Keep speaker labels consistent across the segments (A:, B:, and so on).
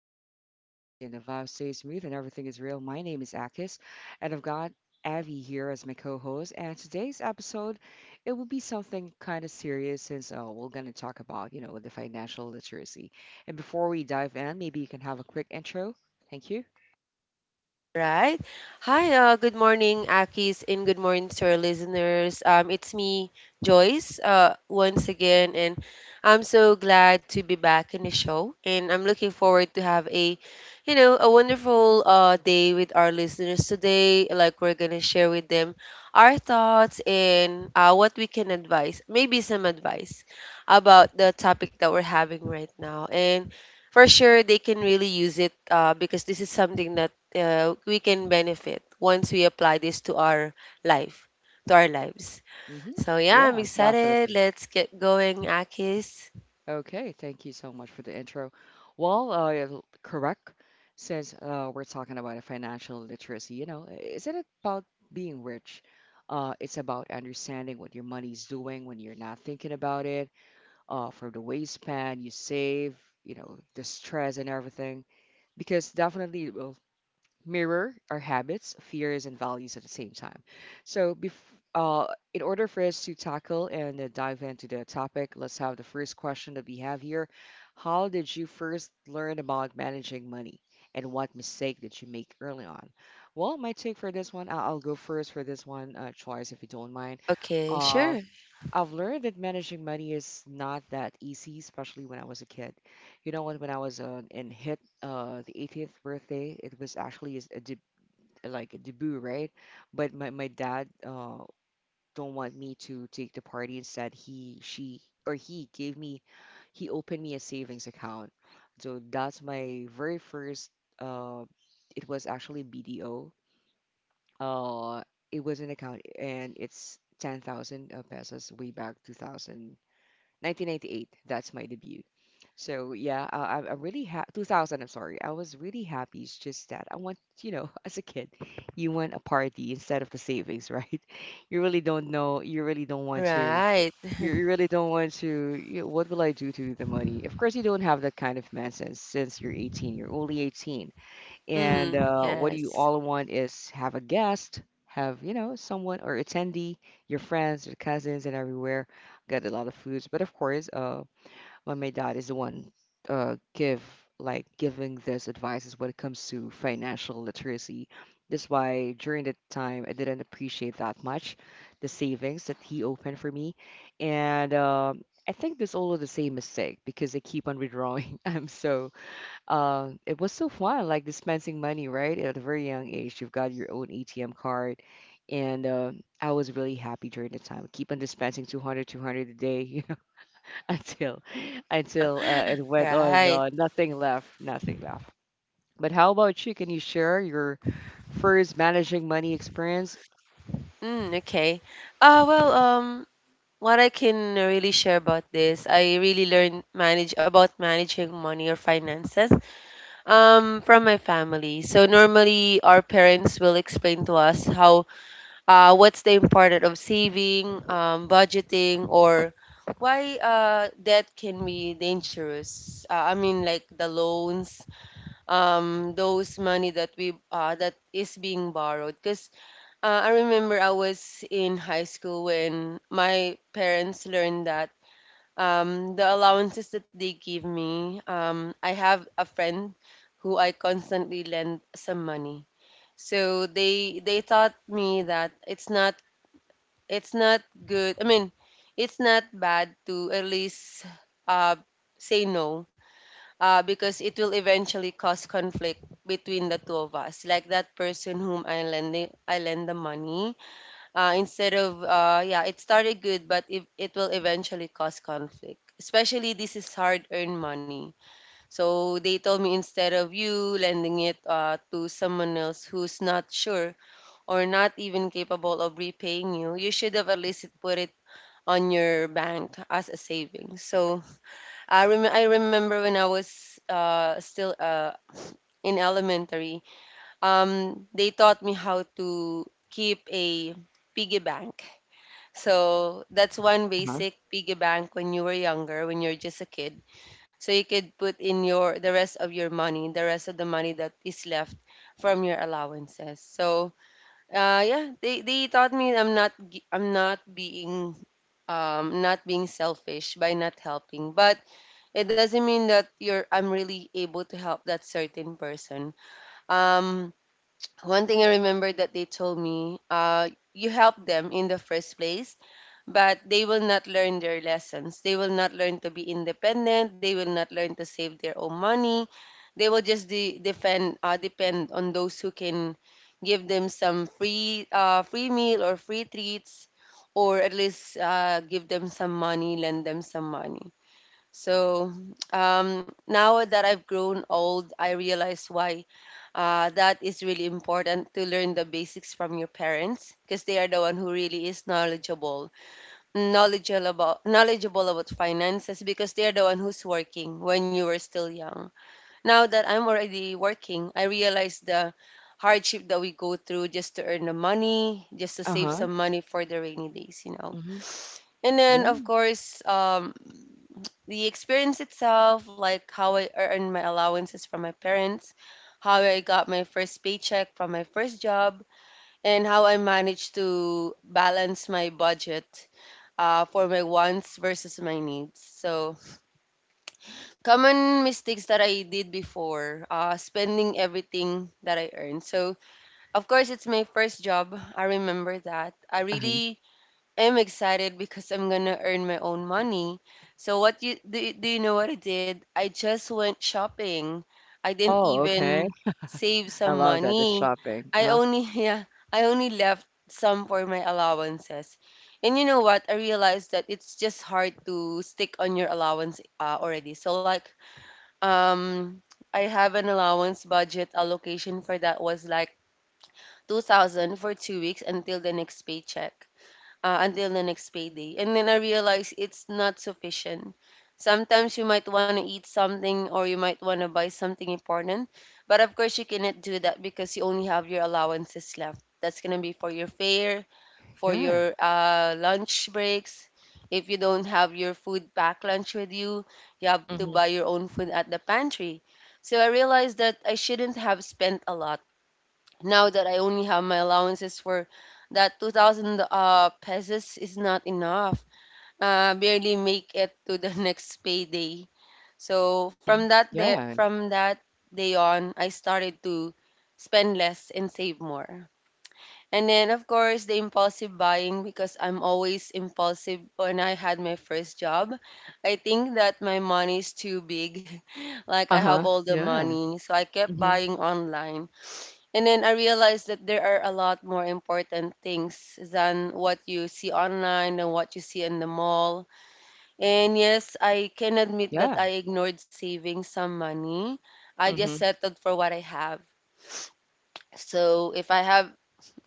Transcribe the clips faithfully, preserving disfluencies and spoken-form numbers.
A: conversation flow easy and the vibe stays smooth and everything is real. My name is Akis, and I've got Avi here as my co-host. And today's episode, it will be something kind of serious since uh, we're gonna talk about you know the financial literacy. And before we dive in, maybe you can have a quick intro. Thank you.
B: Right? Hi, uh, good morning, Akis, and good morning to our listeners. Um, it's me, Joyce, uh, once again, and I'm so glad to be back in the show, and I'm looking forward to have a, you know, a wonderful uh, day with our listeners today. Like we're gonna share with them our thoughts and uh, what we can advise, maybe some advice about the topic that we're having right now, and for sure they can really use it uh, because this is something that uh, we can benefit once we apply this to our life, to our lives.
A: Hmm.
B: So yeah, I'm
A: Yeah,
B: excited.
A: definitely.
B: Let's get going, Akis.
A: Okay, thank you so much for the intro. Well, uh, l- correct, since uh, we're talking about a financial literacy, you know, is it about being rich? Uh, it's about understanding what your money's doing when you're not thinking about it, uh, from the waistband you save, you know, the stress and everything. Because definitely, uh, mirror our habits, fears, and values at the same time. So, bef- uh, in order for us to tackle and uh, dive into the topic, let's have the first question that we have here. How did you first learn about managing money, and what mistake did you make early on? Well, my take for this one, I- I'll go first for this one, uh, Choice, if you don't mind.
B: Okay,
A: Uh,
B: sure.
A: I've learned that managing money is not that easy, especially when I was a kid. You know, when when I was uh, in hit uh, the eighteenth birthday, it was actually is a deb like a debut, right? But my my dad uh, don't want me to take the party. Instead, he she or he gave me he opened me a savings account. So that's my very first. Uh, it was actually B D O. Uh, it was an account, and it's ten thousand uh, pesos way back two thousand nineteen ninety-eight. That's my debut. So yeah, uh, I, I'm I really ha two thousand. I'm sorry. I was really happy. It's just that I want, you know, as a kid, you want a party instead of the savings, right? You really don't know. You really don't want to.
B: Right.
A: You, you really don't want to. You know, what will I do to the money? Of course, you don't have that kind of mindset since you're eighteen. You're only eighteen. And
B: Mm,
A: uh, what do you
B: yes.
A: all want is have a guest, have, you know, someone or attendee, your friends, your cousins, and everywhere. Got a lot of foods. But of course, uh, when my dad is the one uh, give like giving this advice is when it comes to financial literacy. That's why during that time I didn't appreciate that much the savings that he opened for me. And um I think there's also the same mistake because I keep on withdrawing. I'm so uh, it was so fun, like dispensing money, right? At a very young age, you've got your own A T M card. And uh, I was really happy during the time. Keep on dispensing two hundred, two hundred a day, you know, until until uh, it went on
B: Right.
A: uh, nothing left, nothing left. But how about you? Can you share your first managing money experience?
B: Mm, okay. Uh, well, um, what I can really share about this, I really learned manage about managing money or finances um, from my family. So normally our parents will explain to us how uh, what's the importance of saving, um, budgeting, or why uh, debt can be dangerous. Uh, I mean, like the loans, um, those money that we uh, that is being borrowed. Because uh, I remember I was in high school when my parents learned that um, the allowances that they give me. Um, I have a friend who I constantly lend some money. So they they taught me that it's not it's not good. I mean, it's not bad to at least uh, say no uh, because it will eventually cause conflict between the two of us. Like that person whom I lend the, I lend the money. Uh, instead of uh, yeah, it started good, but if it will eventually cause conflict. Especially this is hard-earned money. So they told me instead of you lending it uh, to someone else who's not sure or not even capable of repaying you, you should have at least put it on your bank as a savings. So I rem- I remember when I was uh, still uh, in elementary, um, they taught me how to keep a piggy bank. So that's one
A: Uh-huh.
B: basic piggy bank when you were younger, when you're just a kid. So you could put in your the rest of your money, the rest of the money that is left from your allowances. So uh, yeah, they they taught me I'm not gi- I'm not being um not being selfish by not helping. But it doesn't mean that you're I'm really able to help that certain person. Um, One thing I remember that they told me, uh, you help them in the first place but they will not learn their lessons. They will not learn to be independent. They will not learn to save their own money. They will just de- defend, uh, depend on those who can give them some free, uh, free meal or free treats, or at least uh, give them some money, lend them some money. So um, now that I've grown old, I realize why uh, that is really important to learn the basics from your parents because they are the one who really is knowledgeable knowledgeable about knowledgeable about finances because they're the one who's working when you were still young. Now that I'm already working, I realize the hardship that we go through just to earn the money, just to save
A: Uh-huh.
B: some money for the rainy days, you know.
A: Hmm.
B: And then
A: Yeah.
B: of course, um, the experience itself, like how I earned my allowances from my parents, how I got my first paycheck from my first job, and how I managed to balance my budget uh, for my wants versus my needs. So, common mistakes that I did before, uh, spending everything that I earned. So, of course, it's my first job. I remember that. I
A: Uh-huh.
B: really I'm excited because I'm gonna earn my own money. So what you do, you- do you know what I did? I just went shopping. I didn't
A: Oh, okay.
B: even save
A: I
B: some
A: love that. The
B: money.
A: shopping.
B: I
A: Uh,
B: only yeah, I only left some for my allowances. And you know what? I realized that it's just hard to stick on your allowance uh, already. So like um I have an allowance budget allocation for that was like two thousand for two weeks until the next paycheck uh, until the next payday. And then I realized it's not sufficient. Sometimes you might want to eat something or you might want to buy something important, but of course you cannot do that because you only have your allowances left. That's going to be for your fare, for
A: yeah.
B: your uh, lunch breaks. If you don't have your food pack lunch with you, you have to
A: Mm-hmm.
B: buy your own food at the pantry. So I realized that I shouldn't have spent a lot now that I only have my allowances for that two thousand uh, pesos is not enough. Uh, barely make it to the next payday. So from that day,
A: Yeah.
B: from that day on, I started to spend less and save more. And then of course the impulsive buying because I'm always impulsive when I had my first job. I think that my money is too big. Like I have
A: Uh-huh.
B: all the
A: Yeah.
B: money. So I kept
A: Mm-hmm.
B: buying online and then I realized that there are a lot more important things than what you see online and what you see in the mall. And yes, I can admit that I
A: Yeah.
B: ignored saving some money. I just
A: Mm-hmm.
B: settled for what I have. So if I have,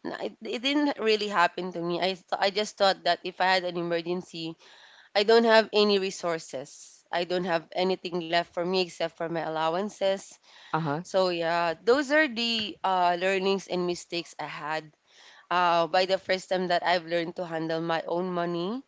B: it, it didn't really happen to me. I th- I just thought that if I had an emergency, I don't have any resources. I don't have anything left for me except for my allowances.
A: Uh-huh.
B: So yeah, those are the uh, learnings and mistakes I had uh, by the first time that I've learned to handle my own money.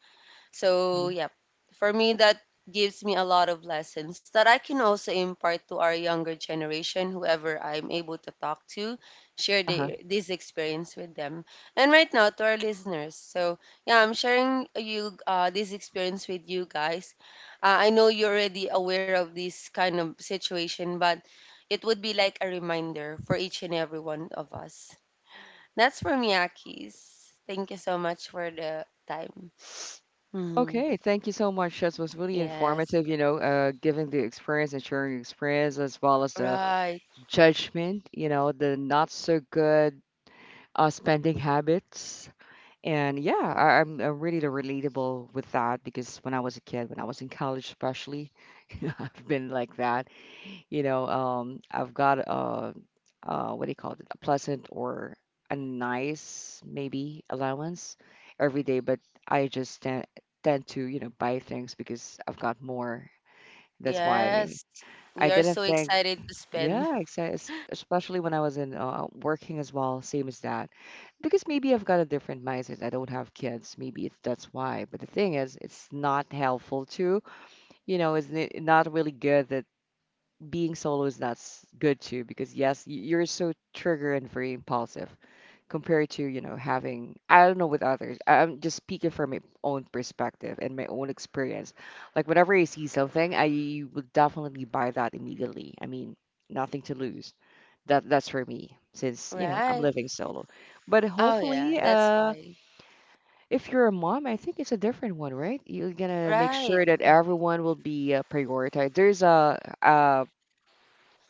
B: So,
A: Mhm.
B: yeah, for me, that gives me a lot of lessons that I can also impart to our younger generation, whoever I'm able to talk to, share
A: Uh-huh.
B: the, this experience with them. And right now, to our listeners. So, yeah, I'm sharing you uh, this experience with you guys. Uh, I know you're already aware of this kind of situation, but it would be like a reminder for each and every one of us. That's from Yakis. Thank you so much for the time. Hmm.
A: Okay, thank you so much. This was really
B: Yes.
A: informative, you know, uh, giving the experience and sharing experience as well as the
B: Right.
A: judgment, you know, the not so good uh, spending habits. And yeah, I, I'm, I'm really relatable with that because when I was a kid, when I was in college especially, I've been like that. You know, um, I've got a, uh, what do you call it? A pleasant or a nice maybe allowance every day, but I just tend, tend to, you know, buy things because I've got more. That's why
B: Yes. We
A: I
B: are so
A: didn't think,
B: excited to spend.
A: yeah, exa- especially when I was in uh, working as well, same as that. Because maybe I've got a different mindset. I don't have kids. Maybe it's that's why. But the thing is, it's not helpful too. You know, it's n- not really good, being solo is not s- good too because yes y- you're so trigger and very impulsive compared to, you know having, I don't know, with others. I- i'm just speaking from my own perspective and my own experience. Like whenever I see something, I will definitely buy that immediately. I mean, nothing to lose. That that's for me since, you know I'm
B: Right.
A: living solo. But
B: Oh, yeah.
A: hopefully,
B: That's
A: uh
B: why.
A: if you're a mom, I think it's a different one, right? You're gonna make
B: Right.
A: sure that everyone will be uh, prioritized. There's a uh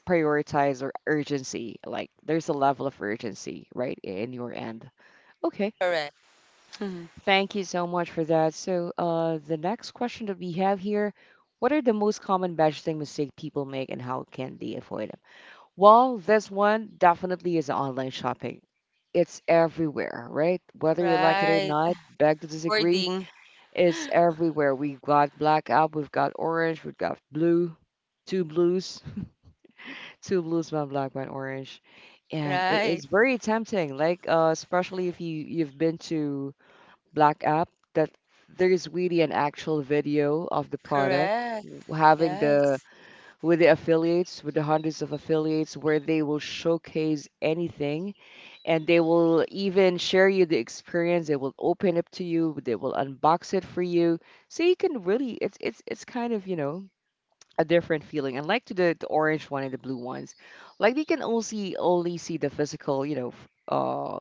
A: prioritize or urgency. Like there's a level of urgency, right, in your end. Okay.
B: Correct.
A: Thank you so much for that. So, uh, the next question that we have here, what are the most common budgeting mistake people make and how can they avoid them? Well, this one definitely is online shopping. It's everywhere, right? Whether you like it or
B: Right.
A: not, beg to disagree,
B: Recording.
A: it's everywhere. We've got blackout, we've got orange, we've got blue, two blues. two blues, one black, one orange, and it,
B: Right.
A: it's very tempting. Like uh, especially if you you've been to Black App, that there is really an actual video of the product
B: Correct.
A: w- having the
B: Yes.
A: with the affiliates, with the hundreds of affiliates, where they will showcase anything, and they will even share you the experience. They will open up to you, they will unbox it for you, so you can really, it's it's it's kind of, you know a different feeling. Unlike to the, the orange one and the blue ones, like they can only see only see the physical, you know, f- uh,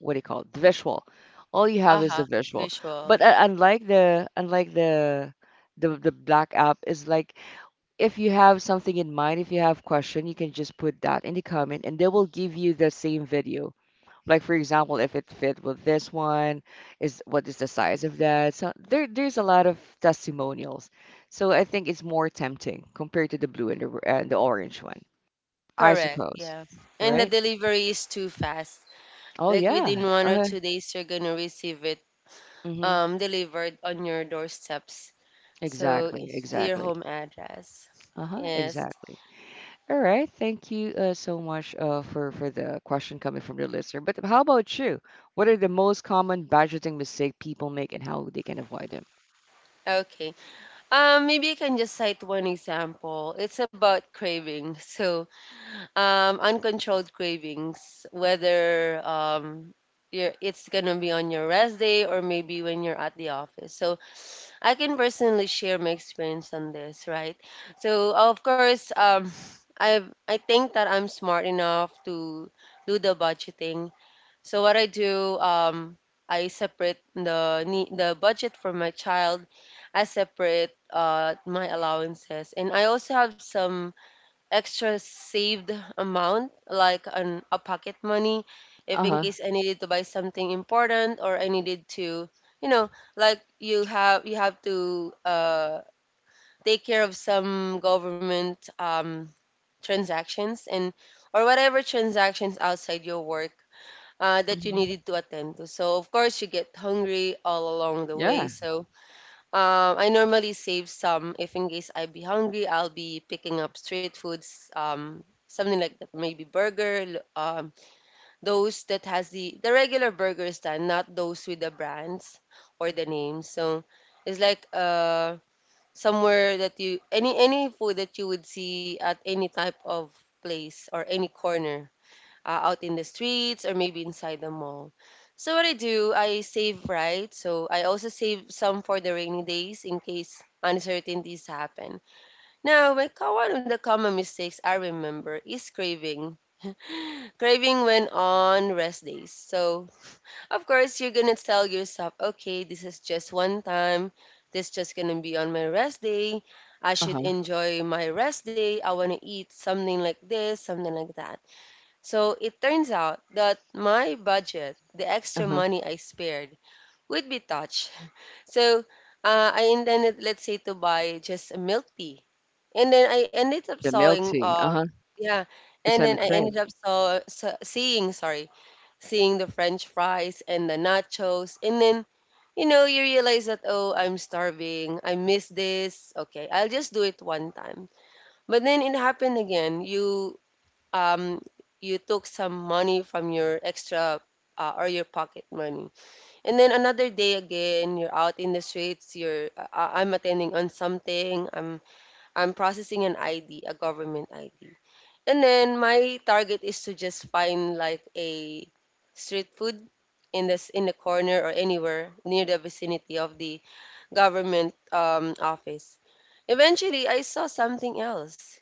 A: what do you call it, the visual. All you have is the
B: Uh-huh.
A: visual. But
B: Visual.
A: uh, unlike the unlike the the the black app is like, if you have something in mind, if you have question, you can just put that in the comment, and they will give you the same video. Like for example, if it fit with this one, is what is the size of that? So there, there's a lot of testimonials. So I think it's more tempting compared to the blue and the r- and the orange one, I
B: Correct.
A: suppose.
B: Yeah. And the
A: Right?
B: delivery is too fast.
A: Oh
B: Like within
A: yeah.
B: one or
A: Uh,
B: two days, you're going to receive it
A: mm-hmm.
B: um, delivered on your doorstep. So
A: Exactly.
B: to your
A: Exactly.
B: home address.
A: Uh-huh.
B: Yes.
A: Exactly. All right. Thank you uh, so much uh, for for the question coming from the listener. But how about you? What are the most common budgeting mistake people make and how they can avoid them?
B: Okay. Um, maybe I can just cite one example. It's about cravings. So, um, uncontrolled cravings, whether um, you're, it's gonna be on your rest day or maybe when you're at the office. So, I can personally share my experience on this, right? So, of course, um, I I think that I'm smart enough to do the budgeting. So what I do, um, I separate the nee- the budget for my child. I separate uh, my allowances, and I also have some extra saved amount, like an a pocket money, if in
A: Uh-huh.
B: case I needed to buy something important or I needed to, you know, like you have you have to uh, take care of some government um, transactions and or whatever transactions outside your work uh, that you
A: Hmm.
B: needed to attend to. So, of course, you get hungry all along the way.
A: Yeah.
B: So, um, I normally save some if in case I be hungry, I'll be picking up street foods, um, something like that, maybe burger, l- um, those that has the the regular burgers, then not those with the brands or the names. So, it's like uh somewhere that you any any food that you would see at any type of place or any corner uh, out in the streets or maybe inside the mall. So what I do, I save right. So I also save some for the rainy days in case uncertainties happen. Now, my co- one of the common mistakes I remember is craving. Craving when on rest days. So, of course, you're gonna tell yourself, okay, this is just one time. This just gonna be on my rest day. I should
A: Uh-huh.
B: enjoy my rest day. I wanna eat something like this, something like that. So it turns out that my budget, the extra
A: Uh-huh.
B: money I spared, would be touched. So uh, I intended, let's say, to buy just a milk tea, and then I ended up
A: The milk
B: sawing,
A: tea.
B: uh,
A: Uh-huh.
B: yeah,
A: Every
B: and
A: time
B: then
A: you
B: I
A: crave.
B: ended up saw, sa seeing, sorry, seeing the French fries and the nachos, and then you know you realize that oh, I'm starving, I miss this. Okay, I'll just do it one time, but then it happened again. You um, you took some money from your extra uh, or your pocket money. And then another day again, you're out in the streets. You're uh, uh, I'm attending on something. I'm I'm processing an I D, a government I D. And then my target is to just find like a street food in this in the corner or anywhere near the vicinity of the government um, office. Eventually, I saw something else.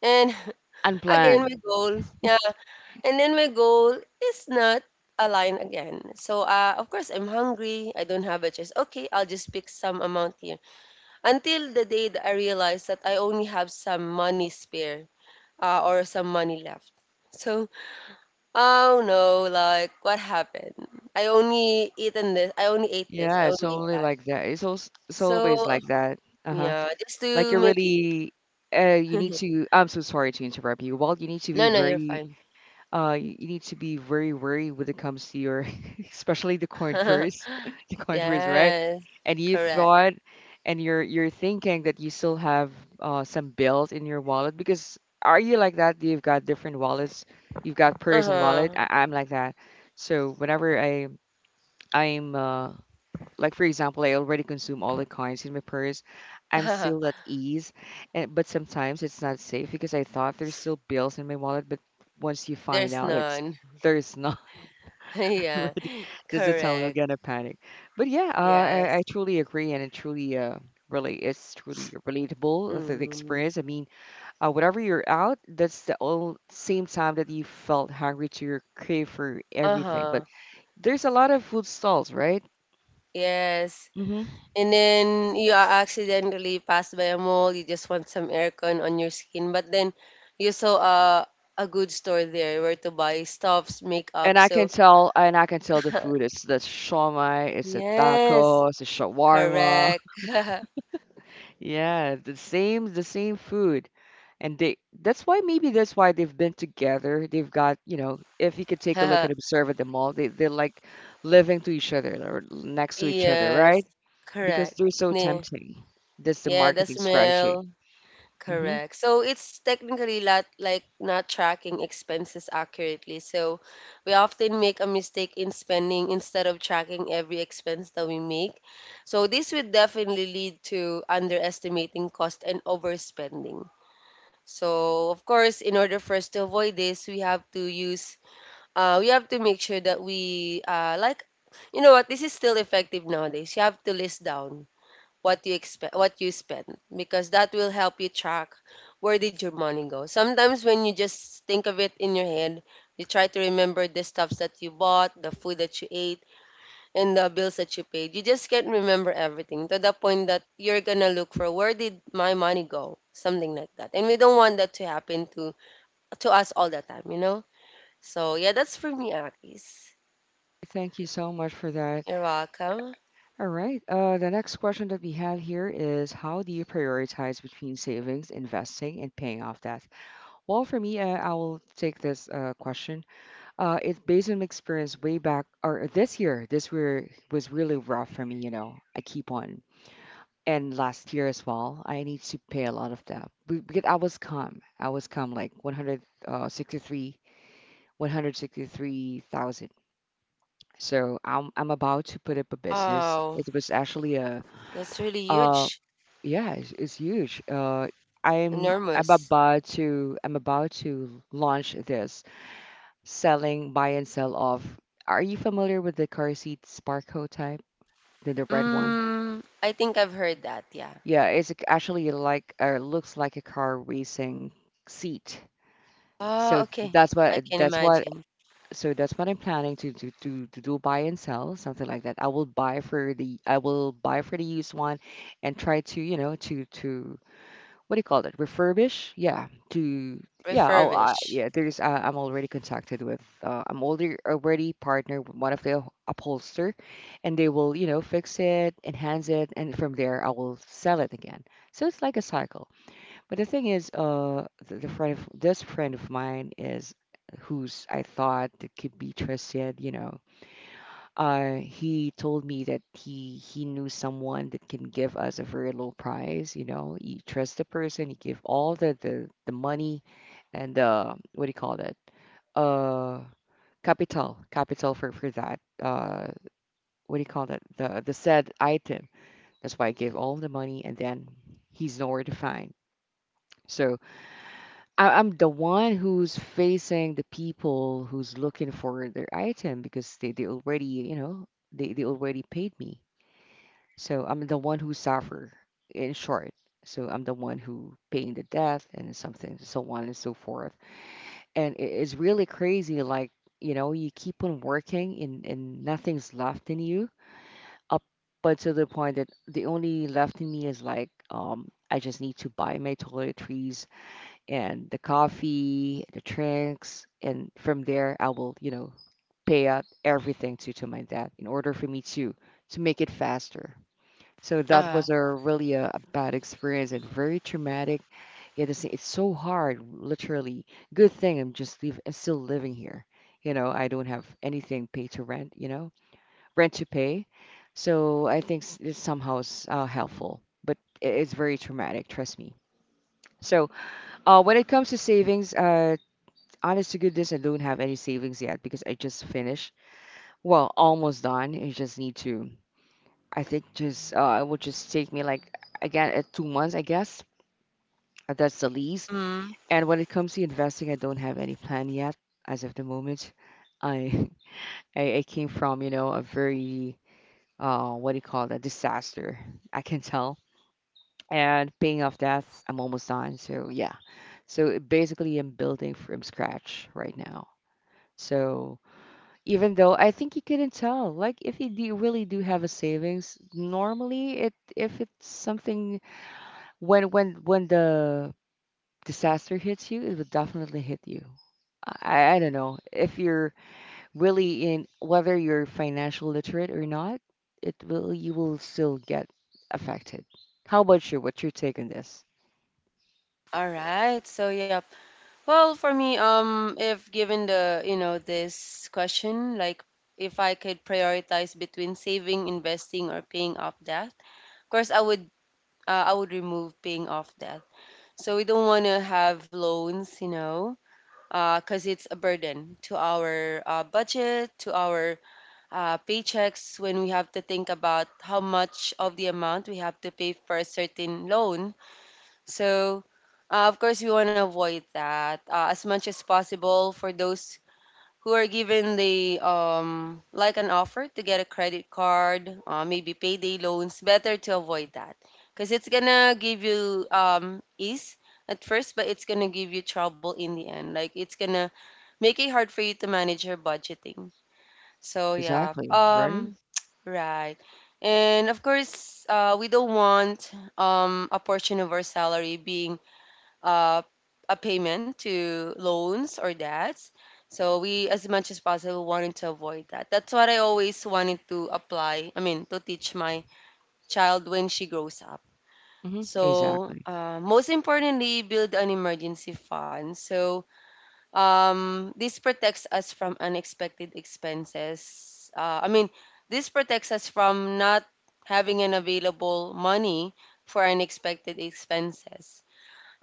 B: And again,
A: Unplanned.
B: my goal, yeah. And then my goal is not aligned again. So, uh, of course, I'm hungry. I don't have a choice. Okay, I'll just pick some amount here. Until the day that I realize that I only have some money spare uh, or some money left. So, oh no, like what happened? I only eaten this. I only ate this.
A: Yeah,
B: I
A: it's
B: only ate
A: only
B: that.
A: like that. It's also it's always
B: So,
A: like that. Uh-huh.
B: yeah, just
A: Like
B: to
A: you're
B: make it.
A: really uh you need
B: No,
A: to I'm so sorry to interrupt you. Well, you need to be
B: no, you're
A: very
B: fine.
A: uh you, you need to be very wary when it comes to your especially the coin purse the coin purse, right,
B: Yes,
A: and you
B: correct.
A: thought, and you're you're thinking that you still have uh some bills in your wallet, because are you like that? You've got different wallets, you've got purse and wallet.
B: Uh
A: I, I'm like that. So whenever I I'm uh like for example, I already consume all the coins in my purse. I'm
B: huh.
A: still at ease, and, but sometimes it's not safe because I thought there's still bills in my wallet, but once you find
B: There's
A: out, it's
B: none.
A: there's not
B: Yeah,
A: already. This is how you're
B: correct.
A: gonna panic. But yeah, uh, I, I
B: Yes.
A: truly agree, and it truly uh really it's truly relatable, the, the
B: Mm.
A: experience. I mean, uh, whatever you're out, that's the all same time that you felt hungry to your crave for everything. But
B: Uh-huh.
A: there's a lot of food stalls, right?
B: Yes.
A: Mm-hmm.
B: And then you are accidentally passed by a mall, you just want some aircon on your skin, but then you saw a a good store there where to buy stuffs, makeup.
A: And I can
B: So,
A: tell, and I can tell the food. It's the shawmai, it's a
B: yes.
A: taco, it's a shawarma.
B: Correct.
A: Yeah, the same, the same food. And they, that's why maybe that's why they've been together. They've got, you know, if you could take a look and observe at the mall, they they're like living to each other or next to each other, right?
B: Yes.
A: Because
B: Correct.
A: they're so
B: Ne-
A: tempting. That's the
B: Yeah, the
A: marketing strategy.
B: smell.
A: Hmm.
B: Correct. So it's technically not like not tracking expenses accurately. So we often make a mistake in spending instead of tracking every expense that we make. So this would definitely lead to underestimating cost and overspending. So of course, in order for us to avoid this, we have to use uh, we have to make sure that we uh, like you know what this is still effective nowadays. You have to list down what you expect what you spend because that will help you track where did your money go sometimes when you just think of it in your head, you try to remember the stuffs that you bought, the food that you ate, and the bills that you paid. You just can't remember everything to the point that you're gonna look for where did my money go, something like that, and we don't want that to happen to to us all the time, you know. So yeah, that's for me, Aki's.
A: Thank you so much for that.
B: You're welcome.
A: All right. Uh, the next question that we have here is, how do you prioritize between savings, investing, and paying off debt? Well, for me, uh, I will take this uh, question. Uh, it's based on my experience way back, or this year. This year was really rough for me. You know, I keep on, and last year as well. I need to pay a lot of debt. Be- because I was calm. I was calm like one hundred sixty-three, one hundred sixty-three thousand. So I'm I'm about to put up a business.
B: Oh,
A: It was actually a
B: that's really
A: um
B: huge.
A: yeah, it's, it's huge. Uh, I'm I'm
B: Enormous.
A: about to I'm about to launch this selling buy and sell off. Are you familiar with the car seat Sparco type, the the red one?
B: Mm, I think I've heard that, yeah.
A: Yeah, it's ac- actually like uh, looks like a car racing seat.
B: Oh,
A: So
B: okay.
A: that's
B: I
A: what
B: can
A: that's what
B: imagine.
A: so that's what I'm planning to to to to do, buy and sell something like that. I will buy for the I will buy for the used one and try to you know to to what do you call that? Refurbish? Yeah. To yeah, I'll I,
B: Refurbish.
A: yeah. There's uh, I'm already contacted with. Uh, I'm already already partnered with one of the upholster, and they will, you know, fix it, enhance it, and from there I will sell it again. So it's like a cycle. But the thing is, uh, the, the friend of this friend of mine is who's I thought that could be trusted, you know, uh, he told me that he he knew someone that can give us a very low price. You know, he trusts the person. He give all the the, the money and uh, what do you call that? Uh, capital, capital for for that. Uh, what do you call that? The the said item. That's why I gave all the money, and then he's nowhere to find. So I, I'm the one who's facing the people who's looking for their item because they, they already, you know, they, they already paid me. So I'm the one who suffer, in short. So I'm the one who paying the debt and something, so on and so forth. And it is really crazy. Like, you know, you keep on working and, and nothing's left in you up but to the point that the only left in me is like, um, I just need to buy my toiletries and the coffee, the drinks, and from there I will, you know, pay out everything to to my dad in order for me to to make it faster. So that was a
B: Ah.
A: really a, a bad experience and very traumatic. Yeah, this, it's so hard, literally. Good thing I'm just leave, I'm still living here. You know, I don't have anything pay to rent, you know, rent to pay. So I think s- it's somehow s- uh, helpful, but i- it's very traumatic, trust me. So uh, when it comes to savings, uh, honest to goodness, I don't have any savings yet because I just finished. Well, almost done. I just need to I think just uh, it would just take me like again uh, two months, I guess. Uh, That's the least.
B: Mm.
A: And when it comes to investing, I don't have any plan yet as of the moment. I I, I came from, you know, a very uh what do you call that, disaster? I can tell. And paying off debts, I'm almost done. So yeah. So basically, I'm building from scratch right now. So even though I think you couldn't tell, like if you do, really do have a savings, normally it if it's something when when when the disaster hits you, it will definitely hit you. I I don't know if you're really in, whether you're financial literate or not, it will, you will still get affected. How about you? What's your take on this?
B: All right. So, yep. Well, for me, um, if given the, you know, this question, like if I could prioritize between saving, investing, or paying off debt, of course, I would, uh, I would remove paying off debt. So we don't want to have loans, you know, uh, because it's a burden to our uh, budget, to our uh, paychecks when we have to think about how much of the amount we have to pay for a certain loan. So, uh, of course, we want to avoid that uh, as much as possible for those who are given the um, like an offer to get a credit card, uh, maybe payday loans. Better to avoid that because it's gonna give you um, ease at first, but it's gonna give you trouble in the end. Like it's gonna make it hard for you to manage your budgeting. So yeah,
A: Exactly, right?
B: um, right, and of course, uh, we don't want um a portion of our salary being uh a payment to loans or debts. So we, as much as possible, wanted to avoid that. That's what I always wanted to apply. I mean, to teach my child when she grows up.
A: Hmm.
B: So
A: Exactly.
B: uh, most importantly, build an emergency fund. So um, this protects us from unexpected expenses. Uh, I mean, this protects us from not having an available money for unexpected expenses.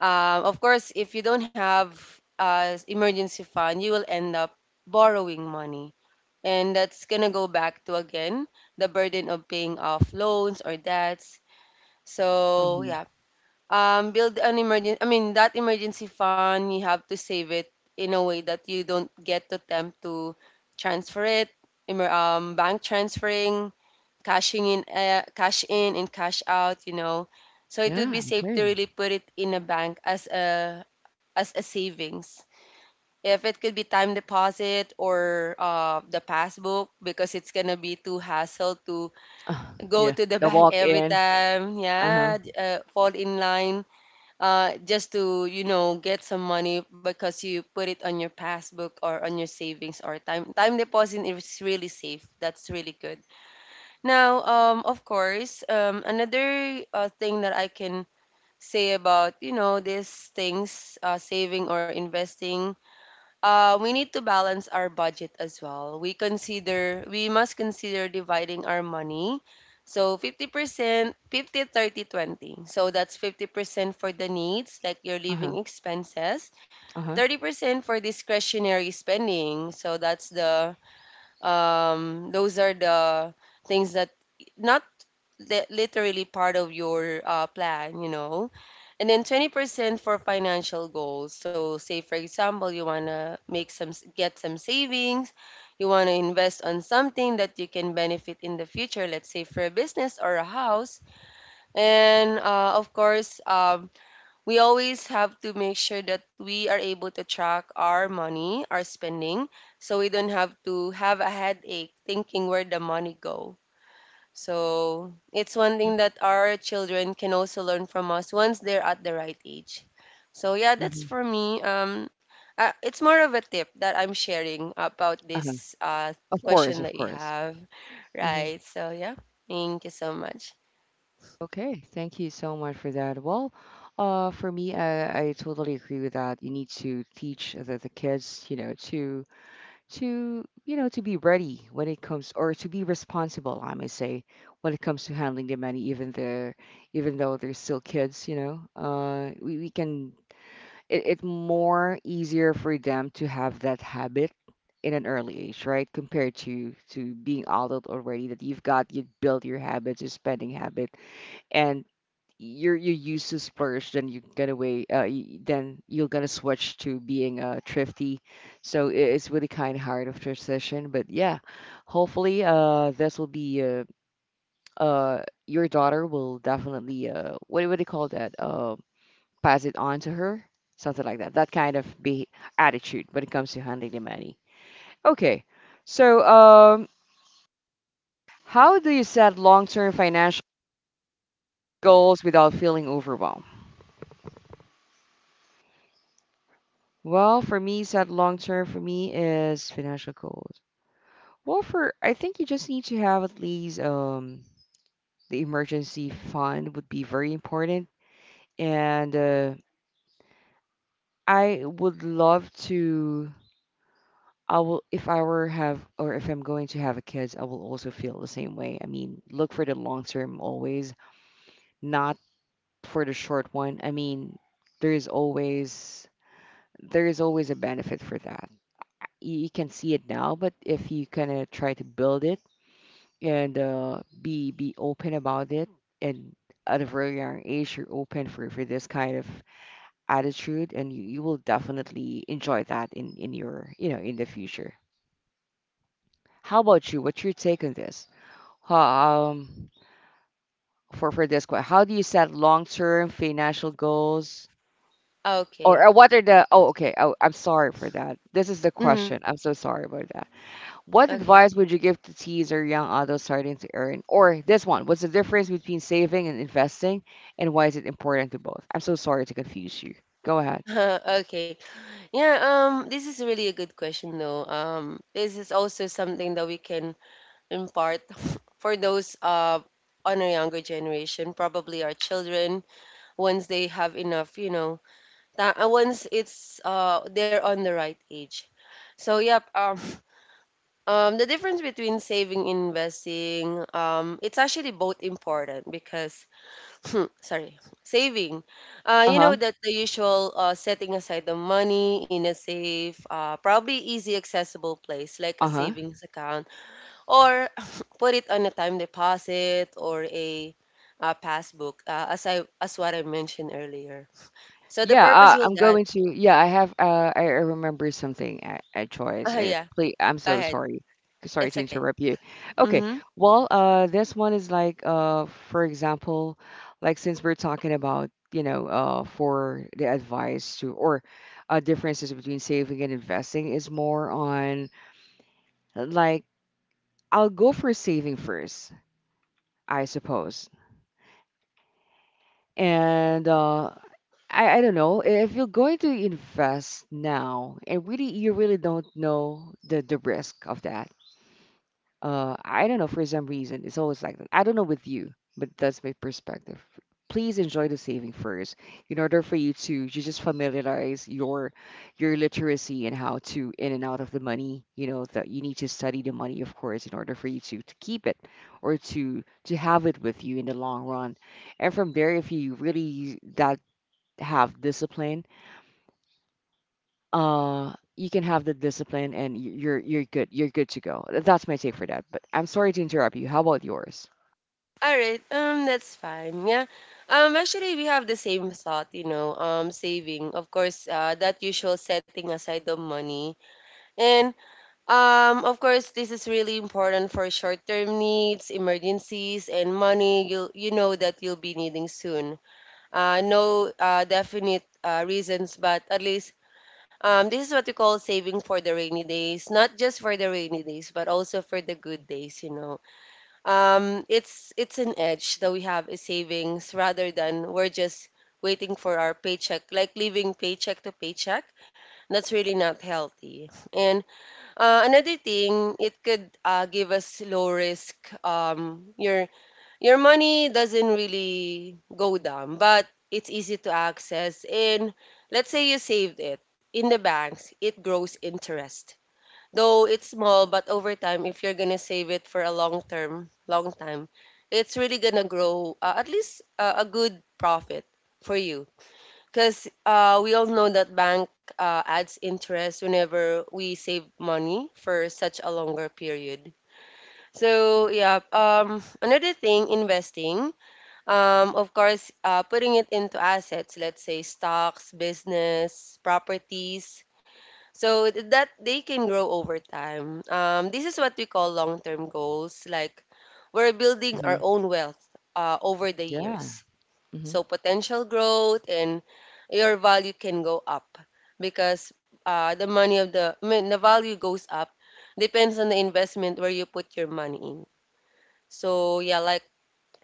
B: Um, of course, if you don't have uh, emergency fund, you will end up borrowing money. And that's gonna go back to again the burden of paying off loans or debts. So
A: Hmm.
B: yeah, um build an emergency, I mean that emergency fund you have to save it in a way that you don't get to tempt to transfer it, emer- um, bank transferring, cashing in, uh, cash in and cash out, you know. So it would
A: Yeah, I
B: be safe to
A: agree.
B: really put it in a bank as a as a savings, if it could be time deposit or uh, the passbook, because it's gonna be too hassle to
A: Uh,
B: go
A: yeah,
B: to the
A: the
B: bank
A: walk
B: every
A: in.
B: time.
A: Uh-huh.
B: Yeah, d- uh, fall in line, uh, just to you know get some money because you put it on your passbook or on your savings or time time deposit is really safe, that's really good. Now um, of course, um, another uh, thing that I can say about you know these things, uh, saving or investing, uh, we need to balance our budget as well. We consider we must consider dividing our money. So fifty percent, fifty thirty twenty. So that's fifty percent for the needs, like your
A: Uh-huh.
B: living expenses,
A: Uh-huh.
B: thirty percent for discretionary spending. So that's the um, those are the things that not li- literally part of your uh, plan, you know. And then twenty percent for financial goals. So say for example, you want to make some s- get some savings, you want to invest on something that you can benefit in the future, let's say for a business or a house. And uh, of course, uh, we always have to make sure that we are able to track our money, our spending, so we don't have to have a headache thinking where the money go. So it's one thing that our children can also learn from us once they're at the right age. So yeah, that's
A: Mm-hmm.
B: for me. Um, uh, it's more of a tip that I'm sharing about
A: Uh-huh.
B: this uh,
A: Of course,
B: question
A: of
B: that you
A: course.
B: have, right? So yeah, thank you so much.
A: Okay, thank you so much for that. Well, uh, for me, I, I totally agree with that. You need to teach the, the kids, you know, to to you know to be ready when it comes, or to be responsible, I may say, when it comes to handling the money, even the even though they're still kids, you know, uh, we, we can it, it more easier for them to have that habit in an early age, right? Compared to to being adult already, that you've got you built your habits, your spending habit, and you're you used to splurge then you get away uh, y- then you're gonna switch to being uh thrifty. So i- it's really kind of hard of transition, but yeah, hopefully uh this will be uh, uh your daughter will definitely uh what what do you call that, uh pass it on to her, something like that, that kind of be attitude when it comes to handling the money. Okay. So um how do you set long-term financial goals without feeling overwhelmed? Well, for me, set long term for me is financial goals. Well, for I think you just need to have at least um the emergency fund would be very important, and uh, I would love to. I will If I were have or if I'm going to have a kids, I will also feel the same way. I mean, look for the long term always, not for the short one. I mean, there is always there is always a benefit for that. You you can see it now, but if you kind of try to build it, and uh, be be open about it, and at a very young age you're open for for this kind of attitude, and you, you will definitely enjoy that in in your, you know, in the future. How about you? What's your take on this? Ho- um for for this question, how do you set long-term financial goals, or, or
B: Okay.
A: what are the oh okay, oh, I'm sorry for that, this is the question,
B: Mm-hmm.
A: I'm so sorry about that. What
B: Okay.
A: advice would you give to teens or young adults starting to earn? Or this one, what's the difference between saving and investing, and why is it important to both? I'm so sorry to confuse you. Go ahead.
B: Okay. Yeah, um, this is really a good question though. Um, this is also something that we can impart for those uh on a younger generation, probably our children, once they have enough, you know, ta- uh, once it's uh they're on the right age. So yep, um, um, the difference between saving and investing, um, it's actually both important because Hmm, Sorry, saving. Uh,
A: Uh
B: you
A: huh.
B: know that the usual uh, setting aside the money in a safe, uh, probably easy accessible place like a
A: Uh huh.
B: savings account, or put it on a time deposit or a, uh passbook, uh, as I as what I mentioned earlier. So the
A: Yeah,
B: purpose
A: uh,
B: will
A: I'm
B: that.
A: going to. Yeah, I have. Uh, I, I remember something at, at Choice.
B: Ah,
A: Uh,
B: yeah.
A: please, I'm
B: Go
A: so
B: ahead.
A: sorry. Sorry
B: It's
A: to
B: okay.
A: interrupt you. Okay.
B: Mm-hmm.
A: Well, uh, this one is like, uh, for example, like since we're talking about, you know, uh, for the advice to or uh, differences between saving and investing is more on like I'll go for saving first, I suppose. And uh, I, I don't know if you're going to invest now and really you really don't know the the risk of that. uh I don't know, for some reason it's always like that, I don't know with you, but that's my perspective. Please enjoy the saving first, in order for you to you just familiarize your your literacy and how to in and out of the money, you know, that you need to study the money, of course, in order for you to, to keep it or to to have it with you in the long run. And from there, if you really that have discipline, uh you can have the discipline and y- you're you're good, you're good to go. That's my take for that, but I'm sorry to interrupt you. How about yours?
B: All right. Um, that's fine. Yeah. Um, actually, we have the same thought, you know, um, saving. Of course, uh, that usual setting aside the money. And um, of course, this is really important for short-term needs, emergencies, and money you you know that you'll be needing soon. Uh, no uh, definite uh, reasons, but at least um, this is what we call saving for the rainy days. Not just for the rainy days, but also for the good days. You know, um, it's it's an edge that we have is savings, rather than we're just waiting for our paycheck, like living paycheck to paycheck. That's really not healthy. And uh, another thing, it could uh, give us low risk. Um, your your money doesn't really go down, but it's easy to access. And let's say you saved it in the banks, it grows interest. Though it's small, but over time, if you're gonna save it for a long term, long time, it's really gonna grow uh, at least uh, a good profit for you. Because uh, we all know that bank uh, adds interest whenever we save money for such a longer period. So yeah, um, another thing, investing. Um, of course, uh, putting it into assets, let's say stocks, business, properties, so th- that they can grow over time. Um, this is what we call long-term goals. Like we're building our
A: Mhm.
B: own wealth uh, over the
A: Yeah.
B: years.
A: Hmm.
B: So potential growth and your value can go up because uh, the money of the, I mean, the value goes up depends on the investment where you put your money in. So yeah, like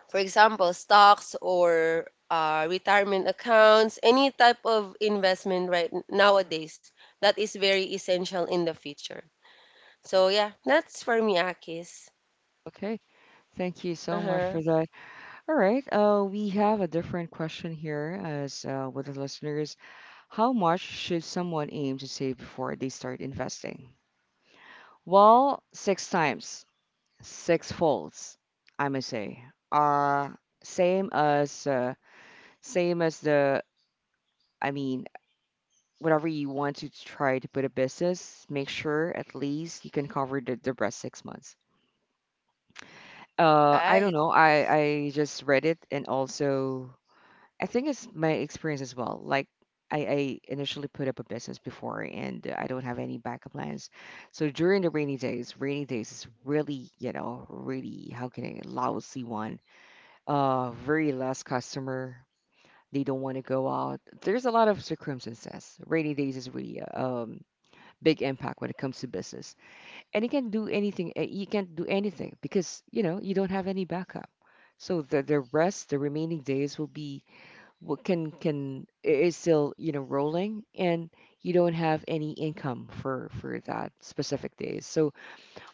B: for example, stocks or uh, retirement accounts, any type of investment right nowadays that is very essential in the future. So yeah, that's for me, Akis.
A: Okay, thank you
B: Uh
A: so much
B: huh.
A: for that. All right, uh we have a different question here as uh, with the listeners. How much should someone aim to save before they start investing? Well, six times, six folds, I must say. uh Same as uh, same as the I mean, whatever you want to try to put a business, make sure at least you can cover the, the rest six months. Uh, I don't
B: Right.
A: know. I, I just read it, and also I think it's my experience as well. Like I, I initially put up a business before, and I don't have any backup plans. So during the rainy days, rainy days is really, you know, really how can I lousy one. Uh, very less customer. They don't want to go out. There's a lot of circumstances. Rainy days is really um big impact when it comes to business. And you can't do anything. uh, You can't do anything because you know you don't have any backup. So the the rest, the remaining days will be what can can i- is still you know rolling, and you don't have any income for for that specific days. So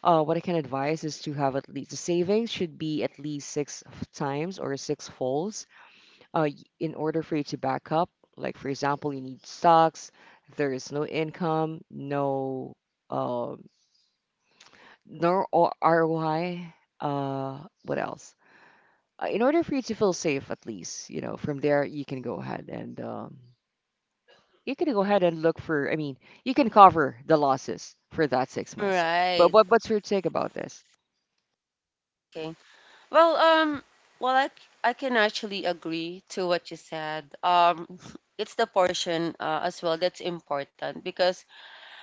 A: uh, what I can advise is to have at least the savings should be at least six f- times or six folds uh, y- in order for you to back up. Like, for example, you need stocks, there is no income, no, um, no O- R O I. Uh, what else? Uh, in order for you to feel safe, at least, you know, from there, you can go ahead and, um, you can go ahead and look for, I mean, you can cover the losses for that six months. But
B: Right.
A: what, what's your take about this?
B: Okay. Well, um, well, I, c- I can actually agree to what you said. Um, it's the portion uh, as well that's important because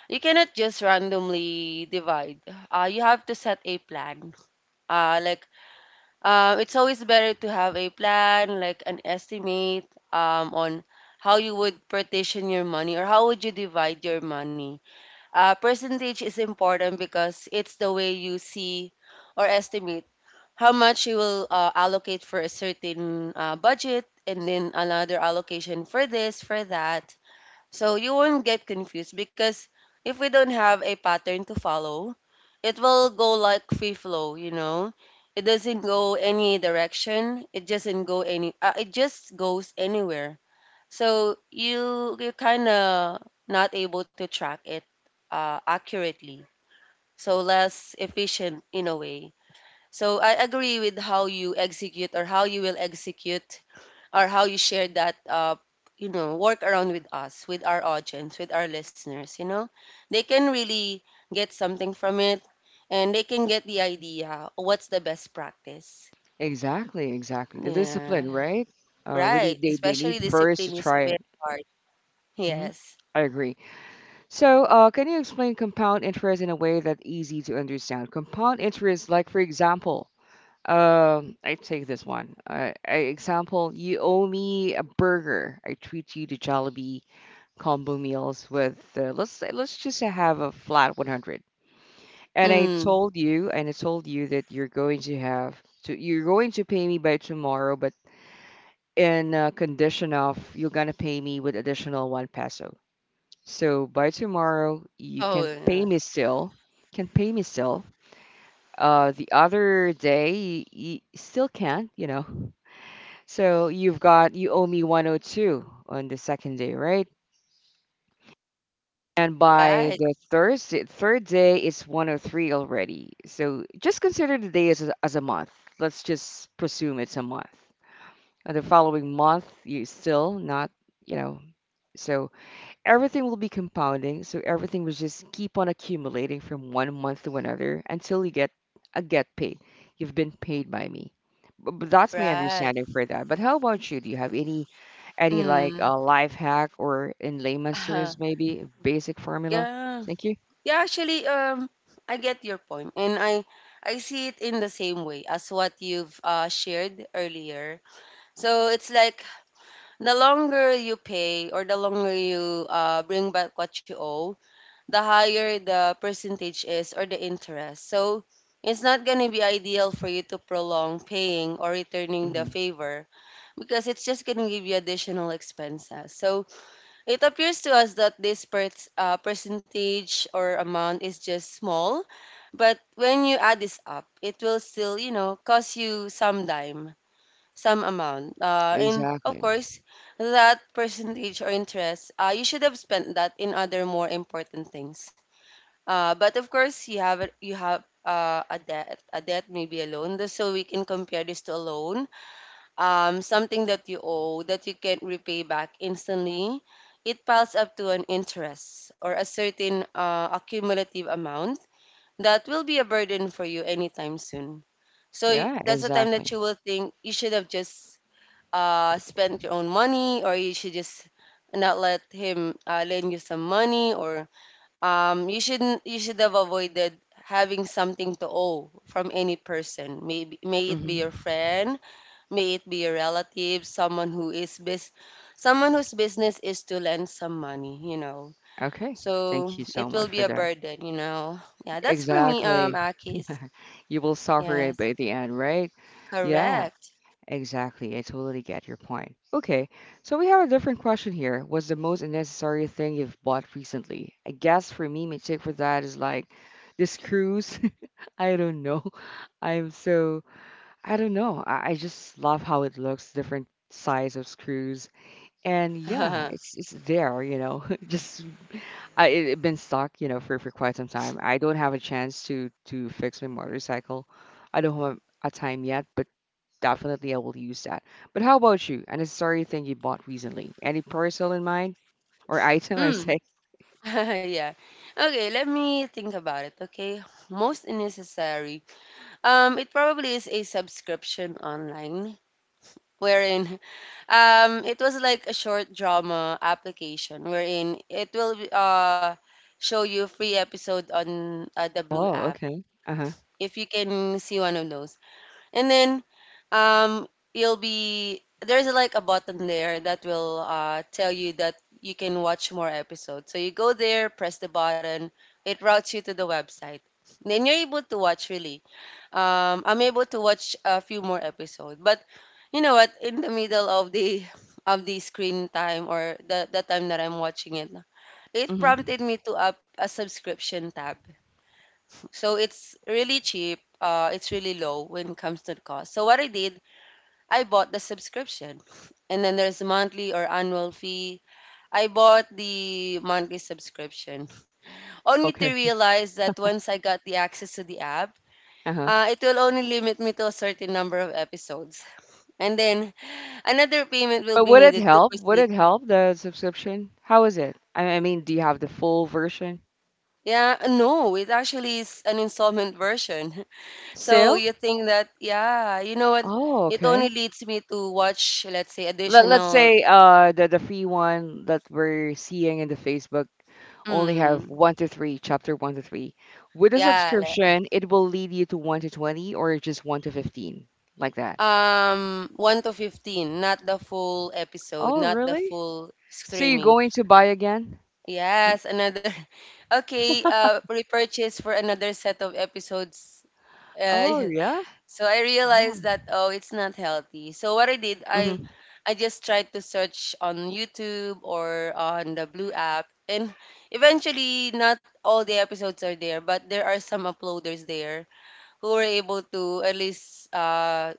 B: you cannot just randomly divide. Uh, you have to set a plan. Uh, like, uh, it's always better to have a plan, like an estimate um, on how you would partition your money or how would you divide your money. Uh, percentage is important because it's the way you see or estimate how much you will uh, allocate for a certain uh, budget and then another allocation for this, for that. So you won't get confused because if we don't have a pattern to follow, it will go like free flow, you know. It doesn't go any direction. It doesn't go any. Uh, it just goes anywhere. So you you kind of not able to track it uh, accurately. So less efficient in a way. So I agree with how you execute or how you will execute or how you share that uh you know work around with us, with our audience, with our listeners, you know. They can really get something from it, and they can get the idea what's the best practice.
A: Exactly, exactly. The
B: Yeah.
A: discipline, right? Uh, we
B: Right.
A: need, they, they need
B: Especially
A: first to
B: discipline is
A: try
B: very
A: it.
B: hard.
A: Hmm.
B: Yes.
A: I agree. So, uh, can you explain compound interest in a way that's easy to understand? Compound interest, like for example, um, I take this one. Uh, I, example, you owe me a burger. I treat you to Jollibee combo meals with uh, let's say let's just say have a flat one hundred. And I
B: Mm.
A: told you, and I told you that you're going to have to you're going to pay me by tomorrow, but in uh, condition of you're gonna pay me with additional one peso. So by tomorrow, you
B: Oh
A: can
B: yeah.
A: pay me still. Can pay me still. Uh, the other day, you still can't, you know. So you've got you owe me one oh two on the second day, right? And by
B: Right.
A: the Thursday, third day, it's one oh three already. So just consider the day as a, as a month. Let's just presume it's a month. And the following month, you still not, you know. So everything will be compounding. So everything will just keep on accumulating from one month to another until you get a get paid. You've been paid by me. But, but that's my
B: Right.
A: understanding for that. But how about you? Do you have any any like
B: Mm.
A: uh, life hack or in layman's terms maybe basic formula?
B: Yeah.
A: Thank you.
B: Yeah, actually, um, I get your point, and I I see it in the same way as what you've uh, shared earlier. So it's like the longer you pay or the longer you uh, bring back what you owe, the higher the percentage is, or the interest. So it's not gonna be ideal for you to prolong paying or returning the
A: Hmm
B: favor because it's just gonna give you additional expenses. So it appears to us that this per- uh, percentage or amount is just small, but when you add this up, it will still, you know, cost you some dime, some amount. Uh, and of
A: Exactly.
B: course, that percentage or interest, uh, you should have spent that in other more important things. Uh, but of course, you have a, you have uh, a debt, a debt, maybe a loan. Th- So we can compare this to a loan, um, something that you owe that you can't repay back instantly. It piles up to an interest or a certain uh, accumulative amount that will be a burden for you anytime soon. So y-
A: Yeah,
B: that's the time
A: exactly.
B: that you will think you should have just uh, spent your own money, or you should just not let him uh, lend you some money, or um, you shouldn't you should have avoided having something to owe from any person, maybe may it
A: hmm
B: be your friend, may it be a relative, someone who is bus- someone whose business is to lend some money, you know.
A: Okay.
B: So
A: Thank you
B: it
A: so
B: will
A: much
B: be a
A: for that.
B: burden, you know. Yeah, that's for me, um,
A: Exactly.
B: Akis.
A: You will suffer it
B: Yes,
A: by the end, right? Yeah.
B: correct.
A: Exactly. I totally get your point. Okay, so we have a different question here. What's the most unnecessary thing you've bought recently? I guess for me, my take for that is like this cruise. I don't know. I'm so, I don't know. I, I just love how it looks, different size of screws. And yeah,
B: mm.
A: it's it's there, you know. Just I it, it been stuck, you know, for for quite some time. I don't have a chance to to fix my motorcycle. I don't have a time yet, but definitely, I will use that. But how about you? A necessary thing you bought recently? Any parcel in mind or item? I'm saying.
B: yeah. Okay, let me think about it. Okay, most necessary. Um, it probably is a subscription online wherein Um, it was like a short drama application wherein it will uh show you free episode on uh, the Blue
A: Oh,
B: app,
A: okay. Uh huh.
B: if you can see one of those. And then um you'll be there's like a button there that will uh tell you that you can watch more episodes. So you go there, press the button, it routes you to the website. Then you're able to watch really um I'm able to watch a few more episodes. But you know what? In the middle of the of the screen time, or the the time that I'm watching it, it
A: hmm
B: prompted me to up a subscription tab. So it's really cheap. Uh, it's really low when it comes to the cost. So what I did, I bought the subscription, and then there's monthly or annual fee. I bought the monthly subscription, only to
A: Okay.
B: realize that once I got the access to the app,
A: Uh huh.
B: uh, it will only limit me to a certain number of episodes. And then another payment will
A: But
B: be
A: would it
B: needed to
A: help? Would
B: proceed.
A: it help the subscription? How is it? I I mean, do you have the full version
B: Yeah, no, it actually is an installment version. So
A: still?
B: you think that, yeah, you know what?
A: Oh,
B: It
A: okay.
B: only leads me to watch, let's say,
A: Let let's
B: additional,
A: say uh the the free one that we're seeing in the Facebook only have
B: mm,
A: one to three, chapter one to three. With a
B: yeah, le-
A: subscription, it will lead you to one to twenty or just one to fifteen, like that.
B: um, one to fifteen, not the full episode,
A: Oh,
B: not the
A: really?
B: full
A: So you're
B: streaming.
A: going to buy again?
B: Yes, another, okay, uh, repurchase for another set of episodes. Uh,
A: Oh, yeah.
B: So I realized that, oh, it's not healthy. So what I did, I
A: Mm-hmm.
B: I just tried to search on YouTube or on the Blue app, and eventually, not all the episodes are there, but there are some uploaders there who were able to at least uh,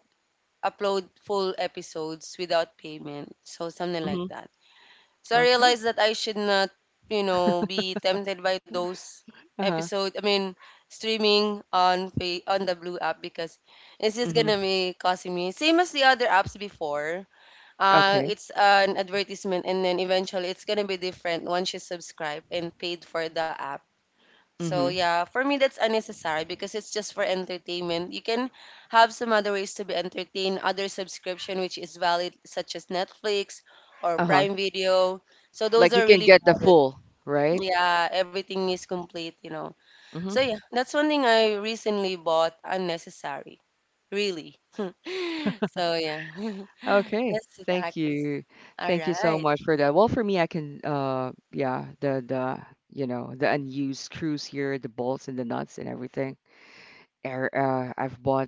B: upload full episodes without payment. So something like
A: Mm-hmm.
B: that. So I
A: Okay.
B: realized that I should not, you know, be tempted by those
A: Uh-huh.
B: episode. I mean, streaming on fa- on the Blue app because it's just gonna
A: Mm-hmm.
B: be costing me same as the other apps before. Uh,
A: Okay.
B: it's an advertisement, and then eventually it's gonna be different once you subscribe and paid for the app. So
A: Mm-hmm.
B: yeah, for me that's unnecessary because it's just for entertainment. You can have some other ways to be entertained, other subscription which is valid, such as Netflix or
A: Uh-huh.
B: Prime Video. So those
A: Like you
B: are
A: can
B: really
A: get the
B: valid.
A: full, right?
B: Yeah, everything is complete, you know. So
A: Mm-hmm.
B: yeah, that's one thing I recently bought unnecessary. Really. So yeah.
A: Okay.
B: That's it,
A: Thank
B: Akis.
A: you.
B: All
A: Thank you so
B: right.
A: much for that. Well, for me, I can uh yeah, the the you know, the unused screws here, the bolts and the nuts and everything. Er, uh, I've bought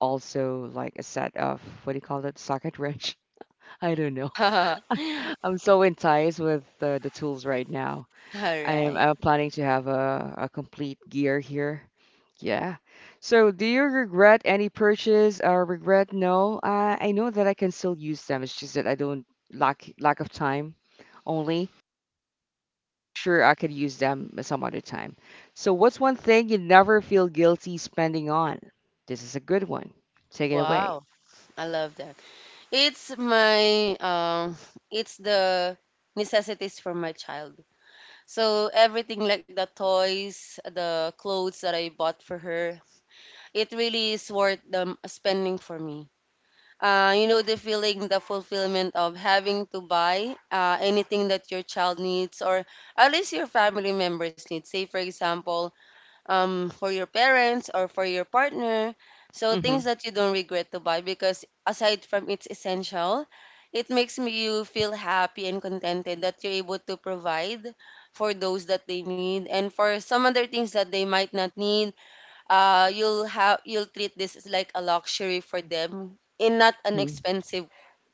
A: also like a set of what do you call it? Socket wrench. I don't know.
B: All
A: I'm so enticed with uh, the tools right now. I'm
B: right.
A: I'm planning to have a, a complete gear here. Yeah. So, do you regret any purchase or regret? No. Uh, I know that I can still use them. It's just that I don't lack lack of time only. Sure, I could use them some other time. So, what's one thing you never feel guilty spending on? This is a good one. Take it away.
B: Wow. I love that. It's my um it's the necessities for my child. So everything like the toys, the clothes that I bought for her, it really is worth the spending for me. Uh, you know the feeling, the fulfillment of having to buy uh, anything that your child needs, or at least your family members need. Say, for example, um, for your parents or for your partner. So
A: Mm-hmm.
B: things that you don't regret to buy, because aside from its essential, it makes me you feel happy and contented that you're able to provide for those that they need, and for some other things that they might not need, uh you'll have you'll treat this as like a luxury for them in not an expensive